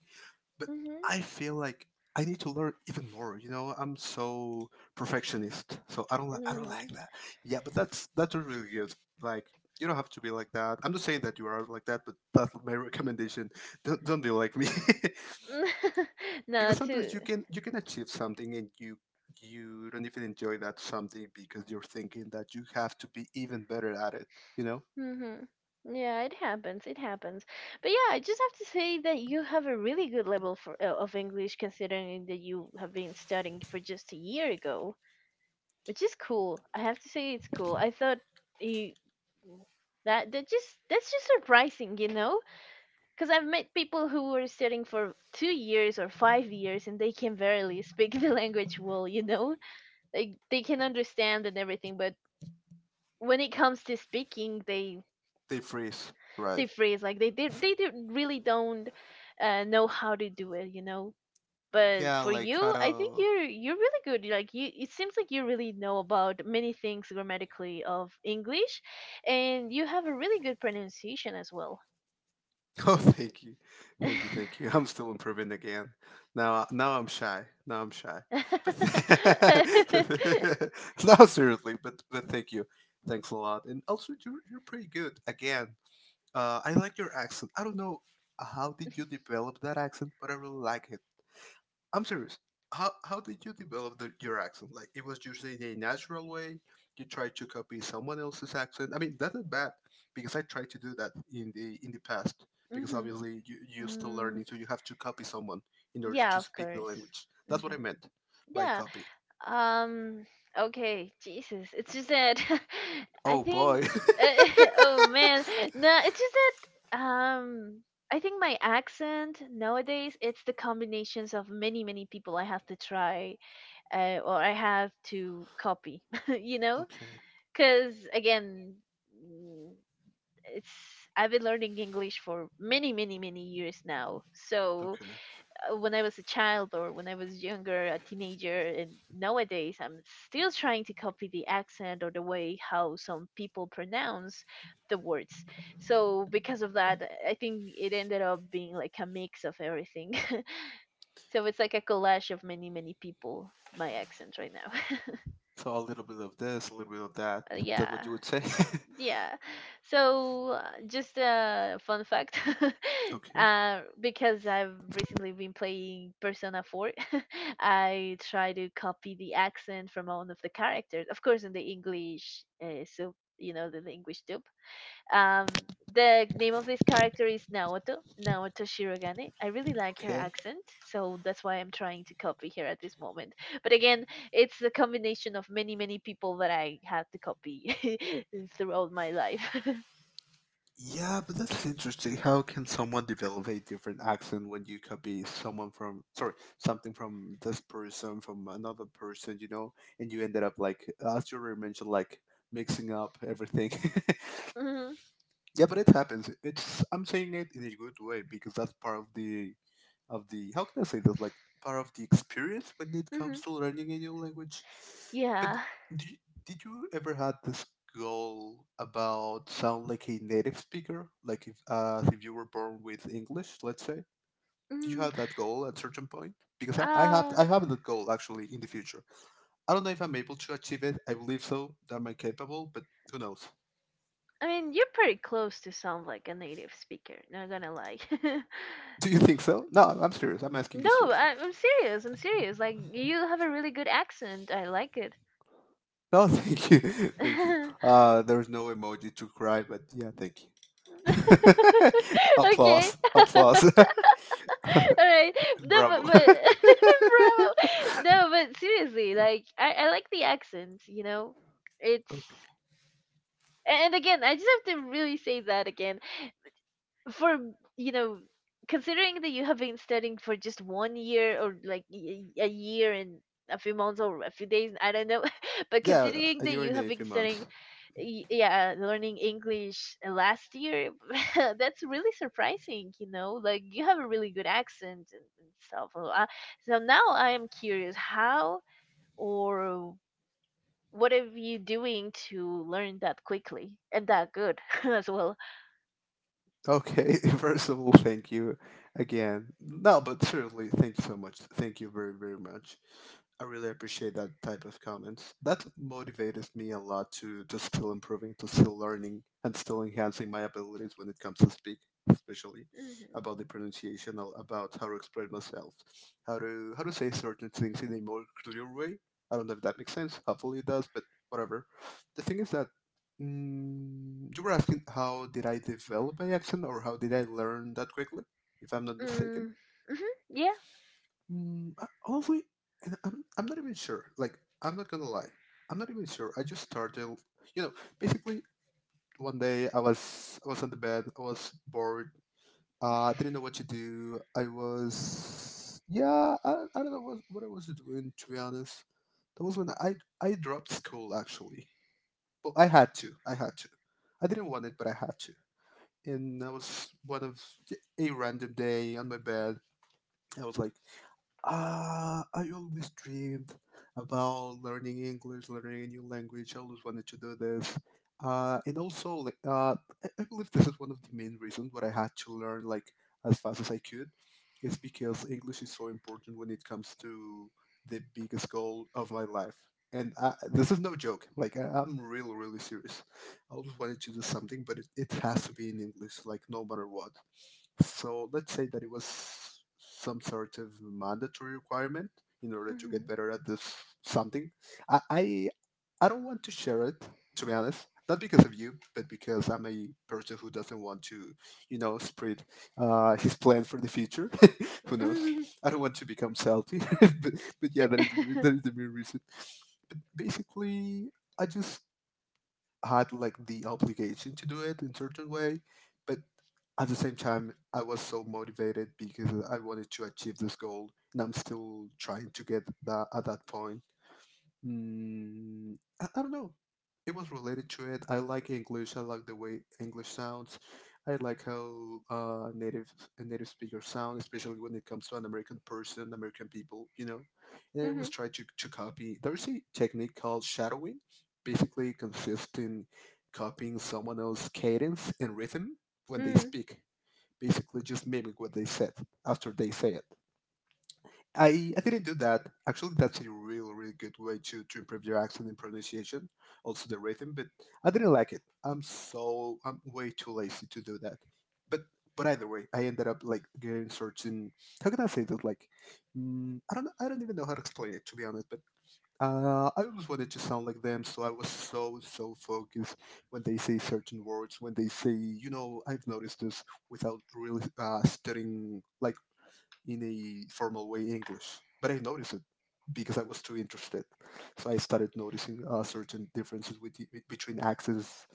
A: but
B: Mhm.
A: I feel like I need to learn even more. You know, I'm so perfectionist, so I don't li- I don't like
B: Mhm.
A: that. Yeah, but that's that's not really good. Like, you don't have to be like that. I'm not saying that you are like that, but that's my recommendation. Don't don't be like me,
B: <laughs>
A: <laughs>
B: no,
A: because sometimes
B: too.
A: you can you can achieve something and you you don't even enjoy that something because you're thinking that you have to be even better at it. You know,
B: Mhm. Yeah, it happens. It happens. But yeah, I just have to say that you have a really good level for, uh, of English considering that you have been studying for just a year ago, which is cool. I have to say it's cool. I thought you that that just that's just surprising, you know? Cuz I've met people who were studying for two years or five years and they can barely speak <laughs> the language well, you know? Like they can understand and everything, but when it comes to speaking, they
A: they freeze, right?
B: they freeze like they they, they do, really don't uh, know how to do it, you know. But
A: Yeah,
B: for
A: like how
B: you I think
A: to
B: you're you're really good. Like, you it seems like you really know about many things grammatically of English, and you have a really good pronunciation as well.
A: <laughs> Oh, thank you, thank you, thank
B: <laughs>
A: you. <laughs> I'm still improving again. Now, now I'm shy. Now I'm shy. But, <laughs> but <laughs> no, seriously. But but thank you. Thanks a lot. And also, you're you're pretty good. Again, uh, I like your accent. I don't know how did you develop that accent, but I really like, I'm serious. How how did you develop the, your accent? Like, it was just in a natural way. You tried to copy someone else's accent. I mean, that's not bad because I tried to do that in the in the past. Because
B: hmm.
A: obviously you you still learning,
B: mm,
A: so you have to copy someone in order
B: yeah,
A: to
B: of
A: speak the
B: course.
A: language. That's what I
B: Hmm.
A: meant by
B: Yeah.
A: copy.
B: Um. Okay. Jesus. It's just that <laughs> I
A: Oh boy.
B: think.
A: <laughs>
B: <laughs> oh man. No. It's just that. Um. I think my accent nowadays it's the combinations of many many people I have to try, uh, or I have to copy. <laughs> you know,
A: Okay.
B: because again, mm, it's, I've been learning English for many many many years now, so,
A: Okay.
B: uh, when I was a child or when I was younger, a teenager, and nowadays I'm still trying to copy the accent or the way how some people pronounce the words. So because of that, I think it ended up being like a mix of everything. <laughs> so it's like a collage of many, many people, my accent right now. <laughs>
A: So a little bit of this, a little bit of that.
B: Uh,
A: That's what
B: yeah.
A: you would say. <laughs>
B: Yeah. So, uh, just a fun fact, <laughs>
A: Okay.
B: uh, because I've recently been playing Persona four, <laughs> I try to copy the accent from one of the characters, of course, in the English, uh, so you know the, the English dub. Um, the name of this character is Naoto, Naoto Shirogane. I really like her
A: Okay.
B: accent, so that's why I'm trying to copy her at this moment. But again, it's a combination of many, many people that I had to copy <laughs> throughout my life.
A: Yeah, but that's interesting. How can someone develop a different accent when you copy someone from, sorry, something from this person, from another person, you know, and you ended up like, as you already mentioned, like mixing up everything.
B: <laughs> hmm.
A: <laughs> Yeah, but it happens. It's I'm saying it in a good way because that's part of the of the how can I say this, like part of the experience when it
B: Hmm.
A: comes to learning a new language. But
B: Yeah.
A: do you, did you ever had this goal about sound like a native speaker, like if as if you were born with English, let's say? Did you
B: Mm,
A: have that goal at certain point? Because I, I have
B: uh,
A: I have that goal actually in the future. I don't know if I'm able to achieve it. I believe so. That I'm capable, but who knows?
B: I mean, you're pretty close to sound like a native speaker, not gonna lie. <laughs>
A: <laughs> Do you think so? No, I'm serious. I'm asking you
B: No,
A: seriously.
B: I, I'm serious. I'm serious. Like, you have a really good accent. I like
A: No, <laughs> thank you, <laughs> thank you.
B: it. <laughs>
A: Uh, there's no emoji to cry, but yeah, thank you. <laughs>
B: <laughs> Okay.
A: applause,
B: <laughs> All
A: applause,
B: right.
A: <laughs>
B: No, but,
A: bravo.
B: but
A: <laughs>
B: <laughs> bravo. No, but seriously, like I, I like the accent, you know? It's
A: Okay.
B: a- and again, I just have to really say that again for you know considering that you have been studying for just one year or like y- a year and a few months or a few days, I don't know. <laughs> But
A: Yeah,
B: considering
A: a
B: that
A: year
B: you
A: and
B: have
A: a
B: been
A: few
B: studying
A: months.
B: y- yeah, learning English uh, last year, <laughs> that's really surprising, you know? Like you have a really good accent and and stuff, so, uh, so now I am curious how or what are you doing to learn that quickly and that good, <laughs> as well.
A: Okay, <laughs> first of all, thank you again. No, but certainly, thank you so much. Thank you very, very much. I really appreciate that type of comments. That motivated me a lot to, to still improving, to still learning, and still enhancing my abilities when it comes to speak, especially about the pronunciation, al- about how to express myself, how to how to say certain things in a more clear way. I don't know if that makes sense. Hopefully, it does, but whatever. The thing is that Mm, you were asking how did I develop my accent or how did I learn that quickly, if I'm not
B: Hmm.
A: mistaken?
B: Mm, yeah.
A: Mm, I- honestly, and I'm, I'm not even sure. Like, I'm not gonna lie. I'm not even sure. I just started, you know, basically one day I was I was on the bed, I was bored, uh, I didn't know what to do. I was, yeah, I, I don't know what, what I was doing, to be honest. That was when I, I dropped school, actually. Well, I had to. I had to. I didn't want it, but I had to. And I was one of a random day on my bed. I was like, uh, I always dreamed about learning English, learning a new language. I always wanted to do this. Uh, and also, like, uh, I, I, believe this is one of the main reasons what I had to learn like as fast as I could. It's because English is so important when it comes to the biggest goal of my life. And I, this is no joke. Like I, I'm really, really serious. I always wanted to do something, but it, it has to be in English, like no matter what. So let's say that it was some sort of mandatory requirement in order to
B: Mhm.
A: get better at this something. I I, I don't want to share it, to be honest, not because of you, but because I'm a person who doesn't want to, you know, spread uh, his plan for the future. <laughs> Who knows?
B: Mhm.
A: I don't want to become salty, <laughs> but, but yeah, that is that
B: <laughs>
A: is the main reason. But basically, I just had like the obligation to do it in certain way, but at the same time, I was so motivated because I wanted to achieve this goal, and I'm still trying to get that at that point. Mm, I, I don't know. It was related to it. I like English. I like the way English sounds. I like how uh, native a native speakers sound, especially when it comes to an American person, American people. You know, and I was
B: Mhm.
A: trying to to copy. There's a technique called shadowing, basically consists in copying someone else's cadence and rhythm when they
B: Mm.
A: speak. Basically, just mimic what they said after they say it. I, I didn't do that. Actually, that's a real, really good way to, to improve your accent and pronunciation, also the rhythm. But I didn't like it. I'm so I'm way too lazy to do that. But but either way, I ended up like getting certain. How can I say that? Like, mm, I don't know- I don't even know how to explain it, to be honest. But uh, I always wanted to sound like them, so I was so so focused when they say certain words. When they say, you know, I've noticed this without really uh, studying like in a formal way English, but I noticed it because I was too interested. So I started noticing uh, certain differences with, the- with- between accents,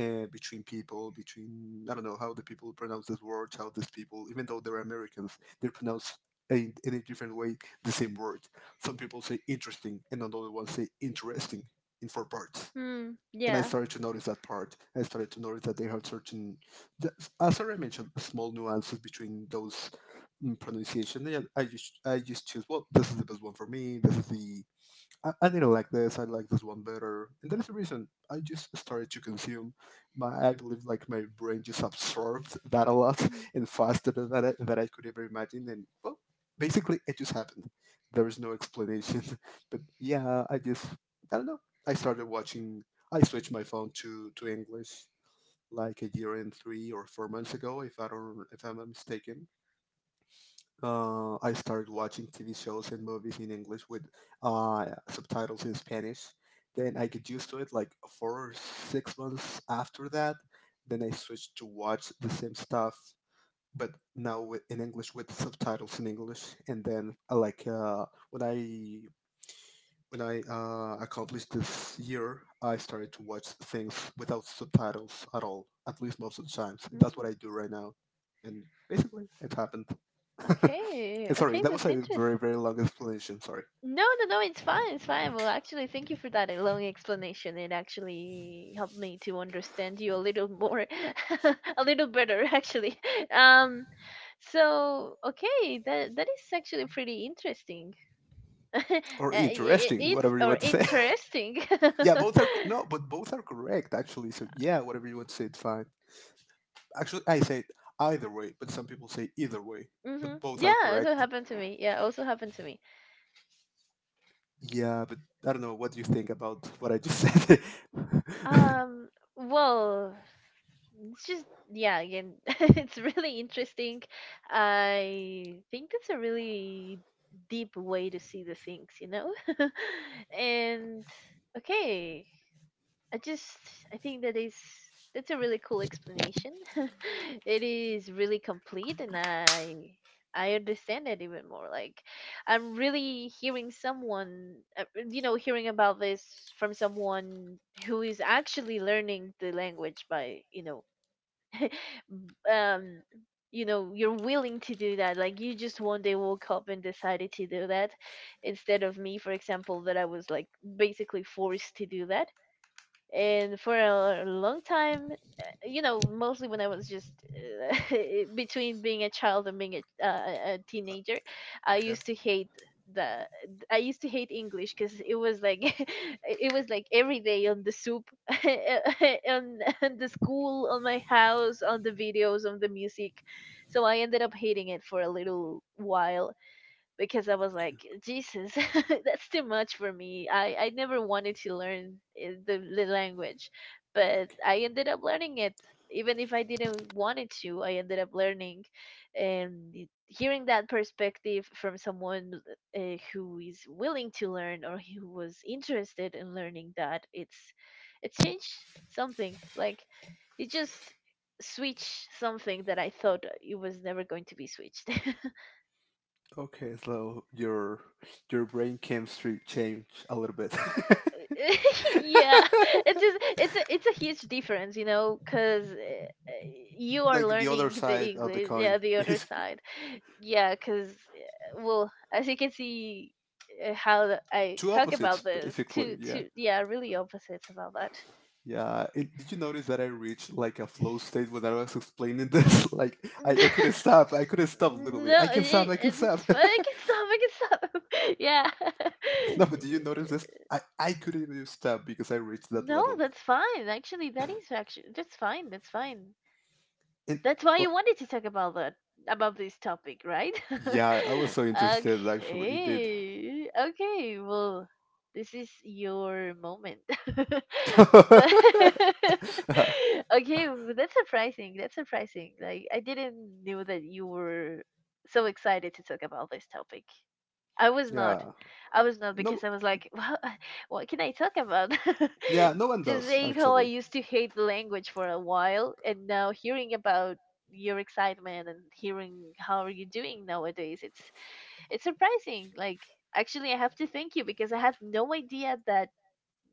A: uh, between people, between I don't know how the people pronounce this word, how these people, even though they're Americans, they pronounce in, in a different way the same word. Some people say interesting, and another one say interesting in four parts.
B: Mm.
A: And I
B: Yeah.
A: started to notice that part. I started to notice that they have certain, th- as I mentioned, small nuances between those mm, pronunciation. And I just I just choose well, this is the best one for me. This is the I, I didn't like this. I like this one better, and that is the reason I just started to consume. My I believe like my brain just absorbed that a lot
B: Mm.
A: <laughs> and faster than that I, that I could ever imagine. And well, basically, it just happened. There is no explanation. <laughs> But yeah, I just I don't know. I started watching. I switched my phone to to English like a year and three or four months ago, if I don't if I'm not mistaken. uh, I started watching T V shows and movies in English with uh, subtitles in Spanish. Then I get used to it like four or six months after that. Then I switched to watch the same stuff, but now with, in English with subtitles in English. And then uh, like uh, when I when I uh, accomplished this year, I started to watch things without subtitles at all, at least most of the times. That's what
B: Mm.
A: I do right now, and basically it happened.
B: Okay.
A: Eh, Sorry,
B: Okay,
A: that was
B: that's
A: a
B: interesting.
A: very, very long explanation. Sorry.
B: No, no, no, it's fine. It's fine. Well, actually, thank you for that uh, long explanation. It actually helped me to understand you a little more, <laughs> a little better, actually. <laughs> Um, so okay, that that is actually pretty interesting. <laughs> Uh,
A: Or
B: i- i-
A: interesting,
B: it's
A: whatever you
B: or
A: want to say.
B: interesting. <laughs>
A: <laughs> Yeah, both are cor- no, but both are correct actually. So yeah, whatever you want to say, it's fine. Actually, I say it either way, but some people say either way,
B: Mm-hmm.
A: but both
B: Yeah,
A: are
B: also
A: correct.
B: happened to me. Yeah, also happened to me.
A: Yeah, but I don't know what do you think about what I just <laughs> said.
B: Um, well, it's just yeah, again, <laughs> it's really interesting. I think that's a really deep way to see the things, you know? <laughs> And okay, I just I think that is that's a really cool explanation. <laughs> It is really complete, and I I understand it even more. Like I'm really hearing someone, uh, you know hearing about this from someone who is actually learning the language by, you know, <laughs> b- um you know, you're willing to do that, like you just one day woke up and decided to do that instead of me, for example, that I was like basically forced to do that. And for a long time, uh, you know mostly when I was just uh, <laughs> between being a child and being a, uh, a teenager, I
A: Okay.
B: used to hate the I used to hate English because it was like <laughs> it was like every day on the soup, <laughs> on, on the school, on my house, on the videos, on the music. So I ended up hating it for a little while because I was like, Jesus, <laughs> that's too much for me. I, I never wanted to learn uh, the, the language, but
A: Okay.
B: I ended up learning it. Even if I didn't want it to, I ended up learning. And it- hearing that perspective from someone, uh, who is willing to learn or who was interested in learning that, it's it changed something. Like it just switched something that I thought it was never going to be switched. <laughs>
A: Okay, so your your brain chemistry changed a little bit.
B: <laughs> Yeah, it's just, it's a it's a huge difference, you know, because you
A: <laughs>
B: are
A: Like the other
B: learning the
A: side of the
B: English,
A: coin,
B: yeah, the other
A: basically.
B: side. Yeah, because well, as you can see, uh, how the- I
A: Two
B: talk
A: opposites,
B: about this
A: basically,
B: two
A: yeah.
B: two, yeah, really opposites about that.
A: Yeah, it, did you notice that I reached like a flow state when I was explaining this? <laughs> Like,
B: <laughs>
A: I,
B: No,
A: I couldn't stop. I couldn't stop, literally. I can stop. I can
B: it,
A: stop.
B: it's fine, I can stop, i can stop <laughs> Yeah. <laughs>
A: <laughs> No, but did you notice this? I, I couldn't even stop because I reached that
B: No,
A: level.
B: that's fine. Actually, that is actually that's fine, that's fine.
A: And
B: That's why
A: uh,
B: you wanted to talk about that about this topic, right?
A: yeah, I was so
B: <laughs>
A: interested, actually. It did.
B: Okay. Okay. Well, this is your moment. <laughs> But
A: <laughs>
B: <laughs> okay, well, that's surprising. That's surprising. Like I didn't knew that you were so excited to talk about this topic. I was not.
A: Yeah.
B: I was not
A: No,
B: because I was like, well, <laughs> what can I talk about?
A: yeah,
B: <laughs>
A: no one
B: Just
A: does,
B: saying how I
A: actually.
B: used to hate the language for a while, and now hearing about your excitement and hearing how are you doing nowadays, it's it's surprising. Like, actually, I have to thank you because I had no idea that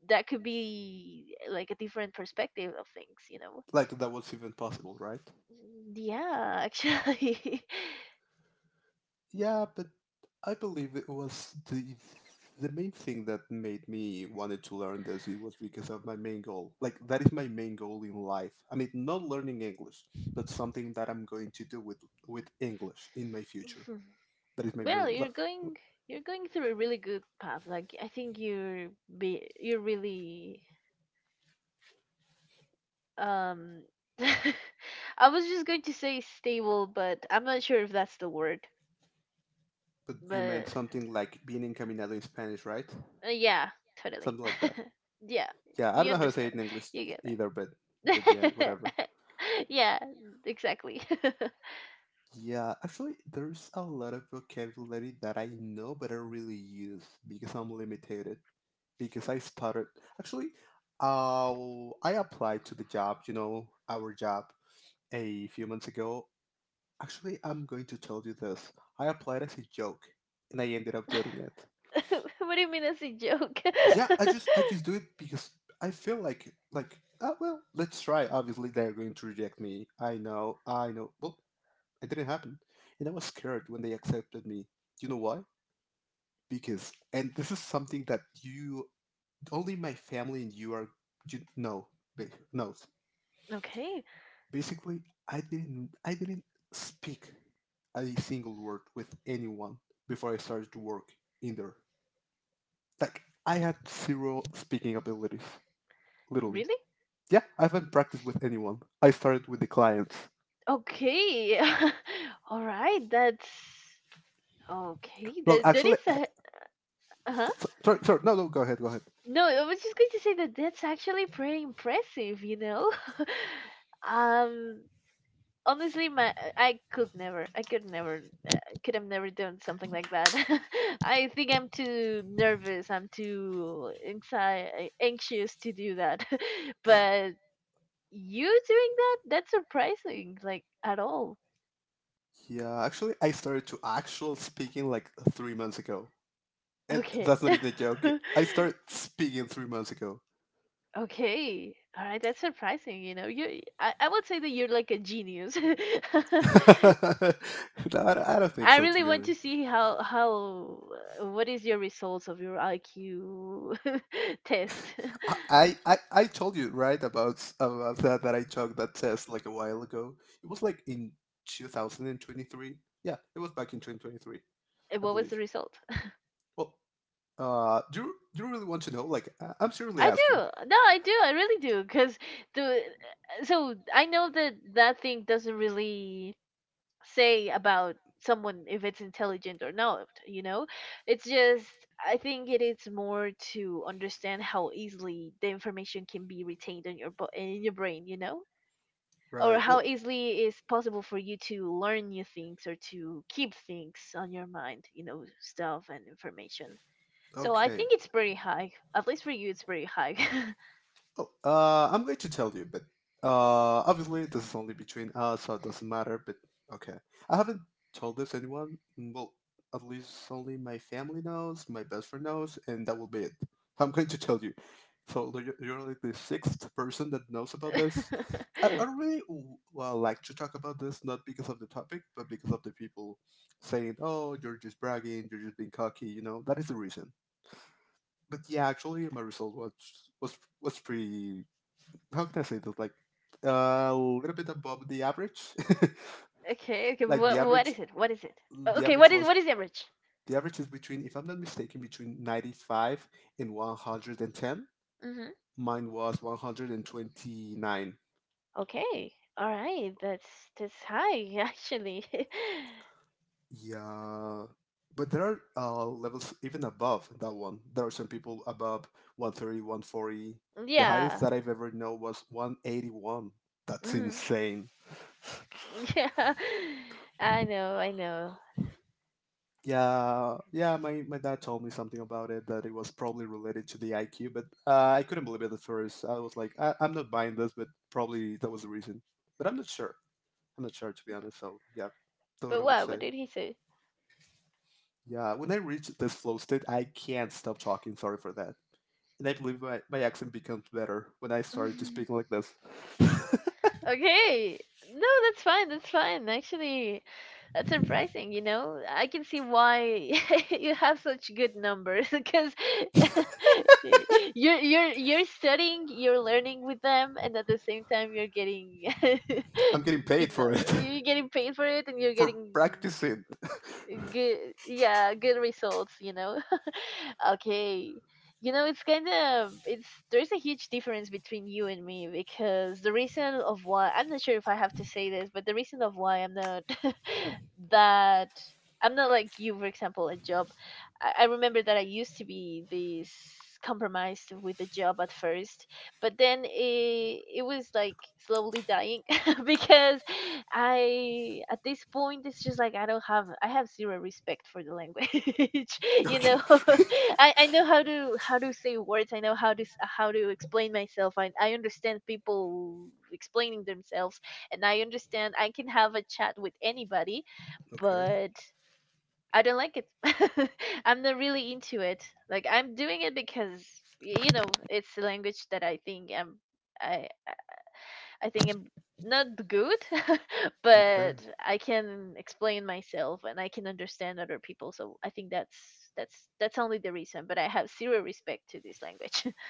B: that could be eh, like a different perspective of things. You know?
A: Like, that was even possible, right?
B: Mm, yeah, actually.
A: Yeah, but I believe it was the the main thing that made me wanted to learn this. It was because of my main goal. Like that is my main goal in life. I mean, not learning English, but something that I'm going to do with with English in my future.
B: <laughs>
A: That is my
B: Well,
A: main. Like,
B: you're going you're going through a really good path. Like I think you're be you're really um <laughs> I was just going to say stable, but I'm not sure if that's the word.
A: but you meant
B: But
A: something like being encaminado in Spanish, right?
B: uh, yeah, totally.
A: Something like
B: <laughs>
A: that.
B: Yeah,
A: Yeah, I don't
B: you
A: know how to say
B: understand.
A: it in English
B: You get
A: either, but but yeah,
B: it.
A: whatever.
B: <laughs> Yeah, exactly. <laughs>
A: Yeah, actually, there's a lot of vocabulary that I know but I really use because I'm limited. Because I started actually, uh, I applied to the job, you know, our job a few months ago. Actually, I'm going to tell you this. I applied as a joke, and I ended up getting it.
B: What do you mean as a joke?
A: Yeah, I just I just do it because I feel like like ah well, let's try. Obviously, they're going to reject me. I know, I know. Well, it didn't happen. And I was scared when they accepted me. Do you know why? Because, and this is something that you, only my family and you are, you know, ba- knows.
B: <laughs> Okay,
A: Basically, I didn't, I didn't speak a single word with anyone before I started to work in there. Like, I had zero speaking abilities, literally.
B: really?
A: Yeah, I haven't practiced with anyone. I started with the clients.
B: Okay. <laughs> All right, that's okay,
A: Look,
B: that that
A: actually,
B: is
A: I,
B: a uh-huh.
A: sorry, sorry, no, no, go ahead, go ahead.
B: No, I was just going to say that that's actually pretty impressive, you know? <laughs> Um, honestly, my I could never, I could never, uh, could have never done something like that. <laughs> I think I'm too nervous, I'm too anxi- anxious to do that. <laughs> But you doing that, that's surprising, like at all.
A: Yeah, actually, I started to actual speaking like three months ago, and
B: Okay.
A: that's not even a joke.
B: <laughs>
A: I started speaking three months ago.
B: Okay. All right. That's surprising. You know, you, I, I would say that you're like a genius. <laughs>
A: <laughs> No, I I don't think
B: I
A: so, to
B: really
A: be
B: want
A: honest.
B: to see how, how, uh, what is your results of your I Q <laughs> test? <laughs>
A: I, I, I I told you right about s- about that that I took that test like a while ago. It was like in two thousand twenty-three. Yeah, it was back in twenty twenty-three,
B: And
A: I
B: what was the
A: believe.
B: result?
A: Well, uh, do you, do you really want to know? Like, I- I'm seriously
B: I
A: asking.
B: do. No, I do. I really do. Cause the, uh, so I know that that thing doesn't really say about someone if it's intelligent or not, you know. It's just I think it is more to understand how easily the information can be retained in your bo- in your brain, you know, or
A: Right.
B: how
A: Well,
B: easily is possible for you to learn new things or to keep things on your mind, you know, stuff and information. So I
A: okay.
B: think it's pretty high, at least for you, it's pretty high.
A: Oh, uh, I'm going to tell you, but uh, obviously this is only between us, so it doesn't matter. But okay, I haven't told this anyone. mm, Well, at least only my family knows, my best friend knows, and that will be it. So I'm going to tell you. So you're you're like the sixth person that knows about this. I, I
B: <laughs>
A: really w- well like to talk about this, not because of the topic, but because of the people saying, "Oh, you're just bragging, you're just being cocky." You know, that is the reason. But yeah, actually, my result was was was pretty how can I say that? Like uh, a little bit above the average.
B: Okay, okay,
A: <laughs> Like the
B: what, what
A: average,
B: is it, what is it?
A: the
B: Okay,
A: average
B: what is
A: was
B: what is average?
A: the average is between, if I'm not mistaken, between ninety-five and a hundred and ten.
B: Mm-hmm.
A: Mine was a hundred and twenty-nine.
B: Okay. All right. That's that's high <laughs> actually.
A: Yeah, but there are uh, levels even above that one. There are some people above one thirty, one forty.
B: <laughs>
A: The highest
B: Yeah.
A: that I've ever known was a hundred and eighty-one. That's
B: Mm.
A: insane.
B: <laughs> Yeah. I know. I know.
A: Yeah, yeah. My, my dad told me something about it that it was probably related to the I Q, but uh, I couldn't believe it at first. I was like, I, I'm not buying this, but probably that was the reason. But I'm not sure. I'm not sure, to be honest. So yeah, that's what
B: But
A: I would
B: what?
A: say.
B: What did he say?
A: Yeah, when I reach this flow state, I can't stop talking. Sorry for that. And I believe my, my accent becomes better when I started to speak
B: <laughs>
A: like this.
B: Okay. No, that's fine. That's fine. Actually, that's surprising, you know? I can see why <laughs> you have such good numbers <laughs> because <laughs> you're you're you're studying, you're learning with them, and at the same time you're getting <laughs>
A: I'm getting
B: good
A: paid for it,
B: number. You're
A: <laughs>
B: getting paid for it, and you're
A: for
B: getting
A: practicing.
B: good yeah good results, you know. <laughs> Okay, you know, it's kind of it's there's a huge difference between you and me, because the reason of why I'm not sure if I have to say this, but the reason of why I'm not <laughs> that I'm not like you, for example, a job, I, I remember that I used to be this compromised with the job at first, but then it, it was like slowly dying <laughs> because I at this point it's just like I don't have I have zero respect for the language. <laughs> You
A: Okay.
B: know,
A: <laughs>
B: <laughs> I, I know how to how to say words. I know how to s- how to explain myself. I I understand people explaining themselves, and I understand I can have a chat with anybody,
A: Okay.
B: but. I don't like it. <laughs> I'm not really into it. Like I'm doing it because y- you know it's a language that I think I'm I I think I'm not good, <laughs>
A: Okay.
B: but I can explain myself and I can understand other people. So I think that's that's that's only the reason. But I have zero respect to this language. <laughs>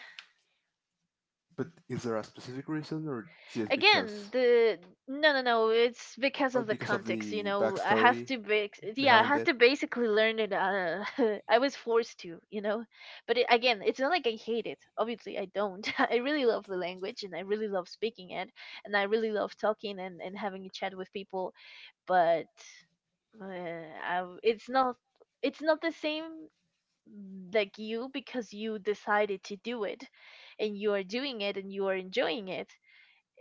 A: But is there a specific reason or just
B: Again,
A: because?
B: the no no no, it's because
A: Uh,
B: of the
A: because of
B: context. You
A: the
B: know, I have
A: backstory
B: to ba- yeah, I
A: behind
B: have
A: it,
B: to basically learn it. Uh, <laughs> I was forced to, you know. But it, again, it's not like I hate it. Obviously, I don't. <laughs> I really love the language, and I really love speaking it, and I really love talking and, and having a chat with people. But uh, I, it's not it's not the same like you, because you decided to do it, and you are doing it, and you are enjoying it.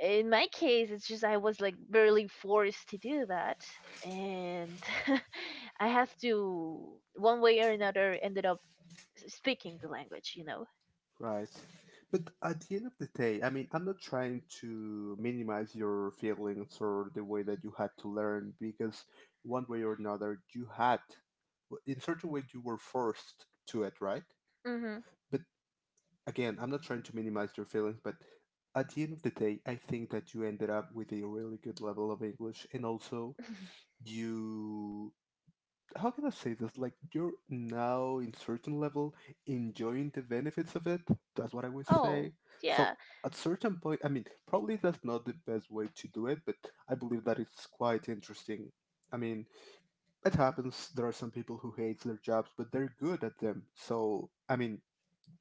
B: In my case, it's just I was like barely forced to do that, and <laughs> I have to one way or another ended up s- speaking the language, you know.
A: right? But at the end of the day, I mean, I'm not trying to minimize your feelings or the way that you had to learn because one way or another, you had, well, in certain way, you were forced to it, right?
B: Mhm.
A: But again, I'm not trying to minimize your feelings, but at the end of the day, I think that you ended up with a really good level of English and also you how can I say this? Like you're now in certain level enjoying the benefits of it. That's what I would
B: Oh,
A: say.
B: yeah.
A: So at certain point, I mean, probably that's not the best way to do it, but I believe that it's quite interesting. I mean, it happens. There are some people who hate their jobs, but they're good at them. So I mean,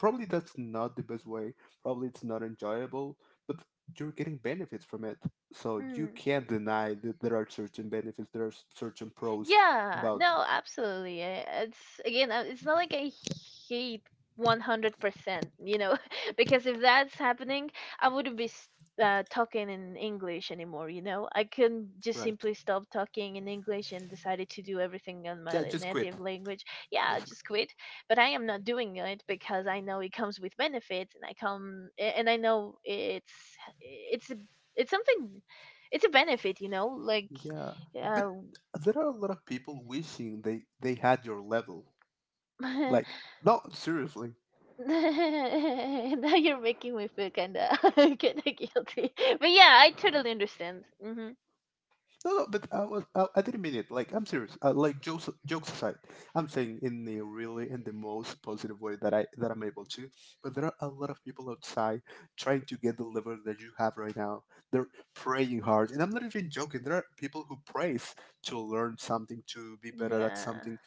A: probably that's not the best way. Probably it's not enjoyable, but you're getting benefits from it. So you
B: Hmm.
A: can't deny that there are certain benefits. There are certain pros
B: Yeah,
A: about.
B: no, absolutely. eh, It's again, uh, it's not like I hate one hundred percent, you know, <laughs> because if that's happening, I wouldn't be s- uh, talking in English anymore, you know. I can just
A: Right.
B: simply stop talking in English and decided to do everything in my
A: Yeah,
B: la-
A: just quit,
B: native language. Yeah, I
A: basically.
B: just quit. But I am not doing it because I know it comes with benefits, and I come a- and I know it's it's a- it's something, it's a benefit, you know, like
A: Yeah, but
B: uh
A: there are a lot of people wishing they they had your level. Like,
B: <laughs>
A: no, seriously.
B: <laughs> Now you're making me feel kinda <laughs> kinda guilty. <laughs> But yeah, I totally understand. Mhm.
A: No, no, but I was I, I didn't mean it. Like I'm serious. Uh, like jokes jokes aside, I'm saying in the really in the most positive way that I that I'm able to. But there are a lot of people outside trying to get the level that you have right now. They're praying hard, and I'm not even joking. There are people who prays to learn something, to be better at
B: Yeah.
A: something.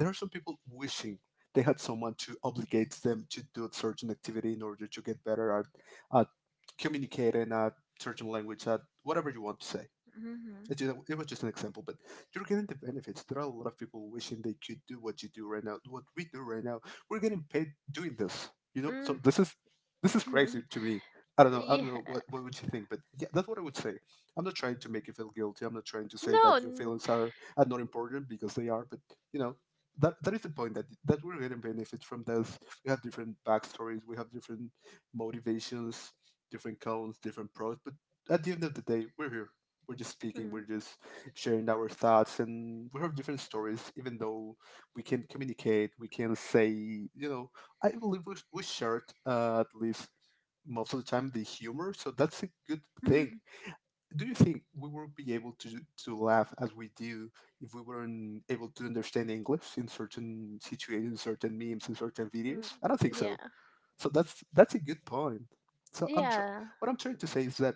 A: There are some people wishing they had someone to obligate them to do a certain activity in order to get better at at communicating, at certain language, at whatever you want to say.
B: Mhm.
A: It's just, it was just an example, but you're getting the benefits. There are a lot of people wishing they could do what you do right now, what we do right now. We're getting paid doing this, you know. So
B: Mm.
A: this is this is crazy
B: <laughs>
A: to me. I don't know. I don't
B: Yeah.
A: know what what would you think, but yeah, that's what I would say. I'm not trying to make you feel guilty. I'm not trying to say
B: No.
A: that your
B: n-
A: feelings are are not important because they are. But you know, that that is the point that that we're getting benefits from this. We have different backstories. We have different motivations, different counts, different pros. But at the end of the day, we're here we're just speaking,
B: Mm.
A: we're just sharing our thoughts, and we have different stories. Even though we can communicate, we can say, you know, I believe we, we shared uh, at least most of the time the humor, so that's a good thing.
B: <laughs>
A: Do you think we will be able to to laugh as we do if we weren't able to understand English in certain situations, certain memes, in certain videos?
B: Mm.
A: I don't think so.
B: Yeah.
A: So that's that's a good point. So I'm tr-
B: Yeah.
A: what I'm trying to say is that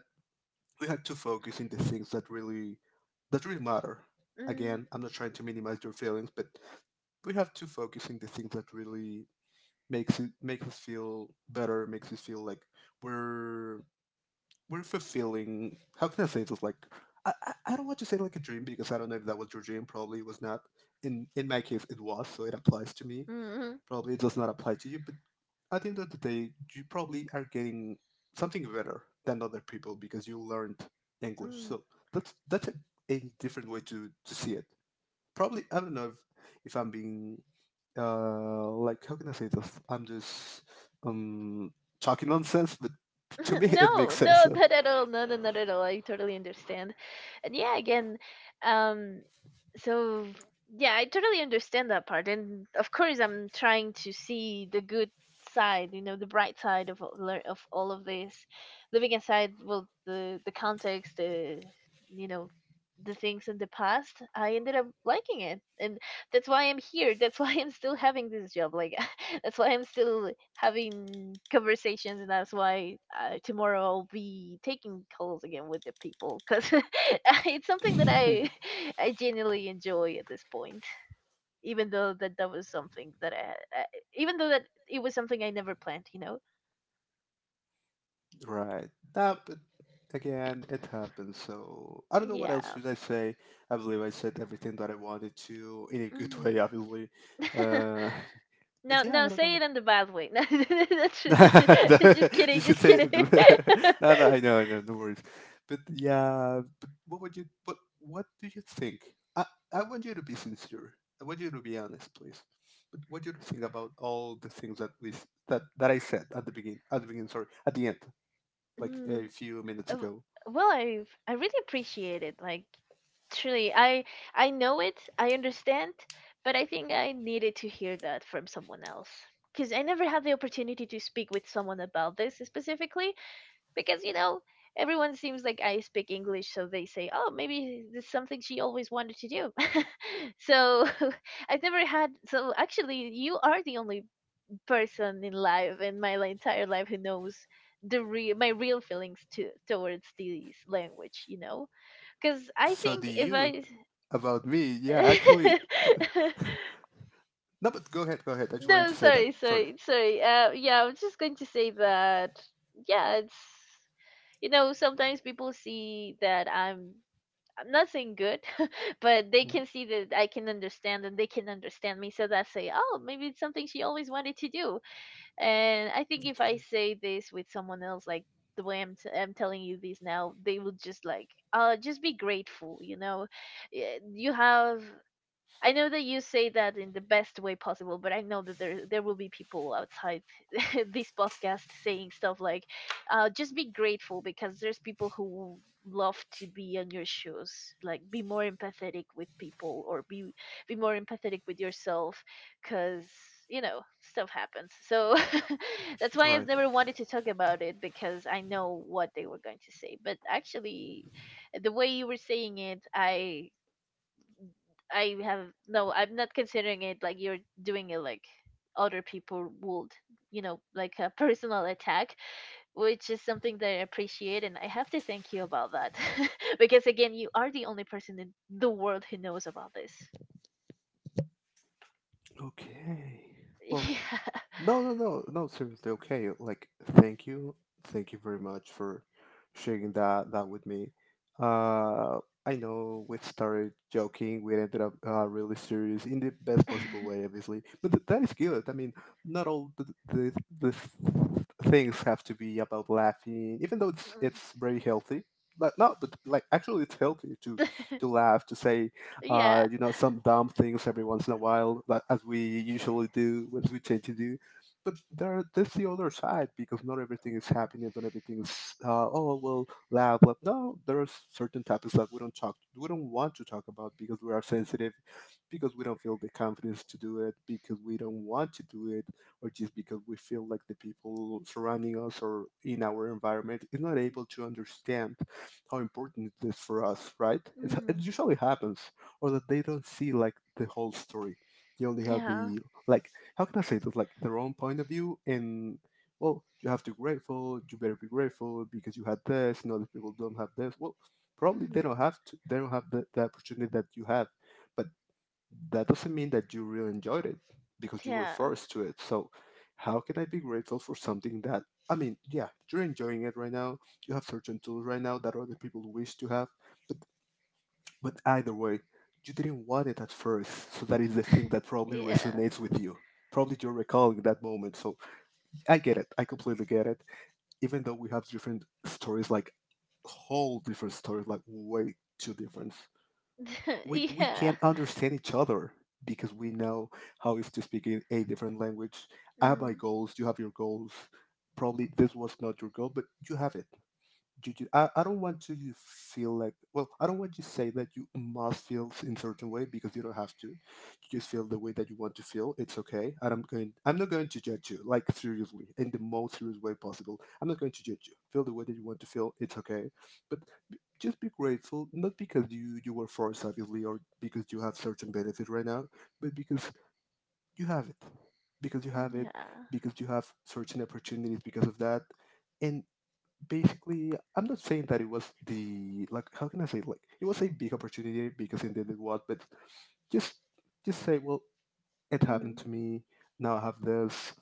A: we had to focus in the things that really that really matter.
B: Mm.
A: Again, I'm not trying to minimize your feelings, but we have to focus in the things that really makes it makes us feel better, makes us feel like we're we're fulfilling. How can I say this? Like I, I I don't want to say like a dream because I don't know if that was your dream. Probably it was not. In in my case, it was, so it applies to me
B: Mm.
A: probably it does not apply to you, but at the end of the day, you probably are getting something better than other people because you learned English.
B: Mm.
A: So that's that's a, a different way to, to see it. Probably I don't know if, if I'm being uh like how can I say this? I'm just um talking nonsense, but to me
B: <laughs>
A: <laughs> it
B: No,
A: makes sense.
B: no, not at all. No, no, not at all. I totally understand. And yeah, again, um, so yeah, I totally understand that part. And of course, I'm trying to see the good side, you know, the bright side of all- lear- of all of this. Leaving aside, well, the the context, the you know, the things in the past, I ended up liking it. And that's why I'm here. That's why I'm still having this job. Like, <laughs> that's why I'm still having conversations, and that's why uh, tomorrow I'll be taking calls again with the people, because <laughs> it's something that I <laughs> I genuinely enjoy at this point. Even though that that was something that I, I even though that it was something I never planned, you know.
A: Right. Nah, but again, it happens. So I don't know what
B: Yeah.
A: else should I say. I believe I said everything that I wanted to in a good way,
B: Mm-hmm.
A: obviously. Uh,
B: <laughs>
A: <laughs> but
B: No,
A: yeah, I
B: no,
A: don't
B: say
A: know.
B: it in the bad way. <laughs> No, <laughs> that's, that's just
A: <laughs> You
B: kidding,
A: should
B: just
A: say.
B: kidding.
A: It.
B: <laughs>
A: <laughs> No, no, I know, I know, no worries. But yeah, but what would you? What What do you think? I I want you to be sincere. I want you to be honest, please. But what do you think about all the things that we s- that that I said at the begin at the beginning? Sorry, at the end, like a
B: Mm,
A: few minutes
B: Uh,
A: ago.
B: well, i I really appreciate it, like truly. I I know it I understand, but I think I needed to hear that from someone else, because I never had the opportunity to speak with someone about this specifically. Because, you know, everyone seems like I speak English, so they say, oh, maybe this is something she always wanted to do. <laughs> So <laughs> I've never had, so actually you are the only person in life, in my li- entire life, who knows the real my real feelings to towards this language, you know, because I
A: So do
B: think if I
A: you
B: s-
A: about me? Yeah, actually,
B: <laughs>
A: no. But go ahead, go ahead. I just wanted
B: no,
A: to say that.
B: sorry,
A: Sorry.
B: sorry, sorry. Uh yeah, I'm just going to say that, yeah, it's, you know, sometimes people see that i'm I'm not saying good, <laughs> but they
A: Mhm.
B: can see that I can understand and they can understand me, so that's say, oh, maybe it's something she always wanted to do. And I think if I
A: Okay.
B: say this with someone else, like the way I'm, t- I'm telling you this now, they will just like, uh, just be grateful, you know. Eh, You have I know that you say that in the best way possible, but I know that there there will be people outside <laughs> this podcast saying stuff like, uh, "Just be grateful, because there's people who will love to be on your shoes. Like, be more empathetic with people, or be be more empathetic with yourself, because you know stuff happens." So <laughs> that's why I've
A: Right.
B: never wanted to talk about it, because I know what they were going to say. But actually, the way you were saying it, I I have no, I'm not considering it like you're doing it like other people would, you know, like a <laughs> personal attack, which is something that I appreciate, and I have to thank you about that. <laughs> Because again, you are the only person in the world who knows about this.
A: Okay. Well,
B: Yeah.
A: no, no, no, no. Seriously, okay. Like, thank you, thank you very much for sharing that that with me. Uh, I know we started joking, we ended up uh, really serious in the best possible way,
B: <laughs>
A: obviously. But th- that is good. I mean, not all the, the the th- things have to be about laughing, even though it's
B: Mm.
A: it's very healthy. But no, but like actually, it's healthy to to
B: <laughs>
A: laugh, to say
B: Yeah.
A: uh, you know, some dumb things every once in a while, like, as we usually do, as we tend to do but there there's the other side because not everything is happiness, not everything is uh, oh well, laugh, laugh. No, there are certain topics that we don't talk, we don't want to talk about because we are sensitive, because we don't feel the confidence to do it, because we don't want to do it, or just because we feel like the people surrounding us or in our environment is not able to understand how important it is for us, right? It's, it
B: Mm.
A: usually happens, or that they don't see like the whole story. They only have
B: Yeah.
A: the like how can I say this? Like their own point of view, and well, you have to grateful. You better be grateful because you had this, and other people don't have this. Well, probably they
B: Mhm.
A: don't have to. They don't have the, the opportunity that you have, but that doesn't mean that you really enjoyed it because you were
B: Yeah.
A: forced to it. So, how can I be grateful for something that I mean, yeah, you're enjoying it right now. You have certain tools right now that other people wish to have, but but either way, you didn't want it at first, so that is the thing that probably
B: Yeah.
A: resonates with you. Probably you're recalling that moment, so I get it. I completely get it. Even though we have different stories, like whole different stories, like way too different.
B: <laughs>
A: We we
B: Yeah.
A: can't understand each other because we know how it's to speak in a different language. I have my
B: Mm.
A: goals, you have your goals. Probably this was not your goal, but you have it you, you I, I don't want you to feel like well I don't want you to say that you must feel in certain way because you don't have to. You just feel the way that you want to feel. It's okay, and i'm going I'm not going to judge you. Like, seriously, in the most serious way possible, I'm not going to judge you. Feel the way that you want to feel. It's okay, but b- just be grateful not because you you were forced obviously or because you have certain benefit right now, but because you have it. Because you have it,
B: Yeah.
A: because you have certain opportunities because of that. And basically, I'm not saying that it was the like how can I say like it was a big opportunity because indeed it did what, but just just say, well, it happened
B: Mm.
A: to me. Now I have this.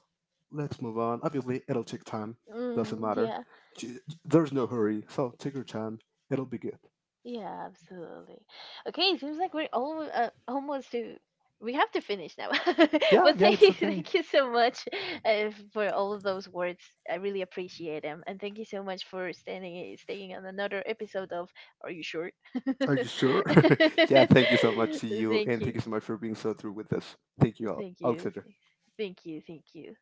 A: Let's move on. Obviously, it'll take time. Doesn't
B: Mm.
A: matter.
B: Yeah.
A: J- j- there's no hurry, so take your time. It'll be good.
B: Yeah, absolutely. Okay, it seems like we're almost uh, almost to we have to finish now. <laughs>
A: Yeah,
B: But
A: yeah,
B: thank
A: it's
B: you,
A: okay.
B: thank you so much uh, for all of those words. I really appreciate them, and thank you so much for standing staying on another episode of Are You Sure? <laughs>
A: Are you sure? <laughs> Yeah, thank you so much to you,
B: Thank
A: and
B: you,
A: thank you so much for being so through with this. Thank you all,
B: thank you,
A: Alexander.
B: thank you, thank you.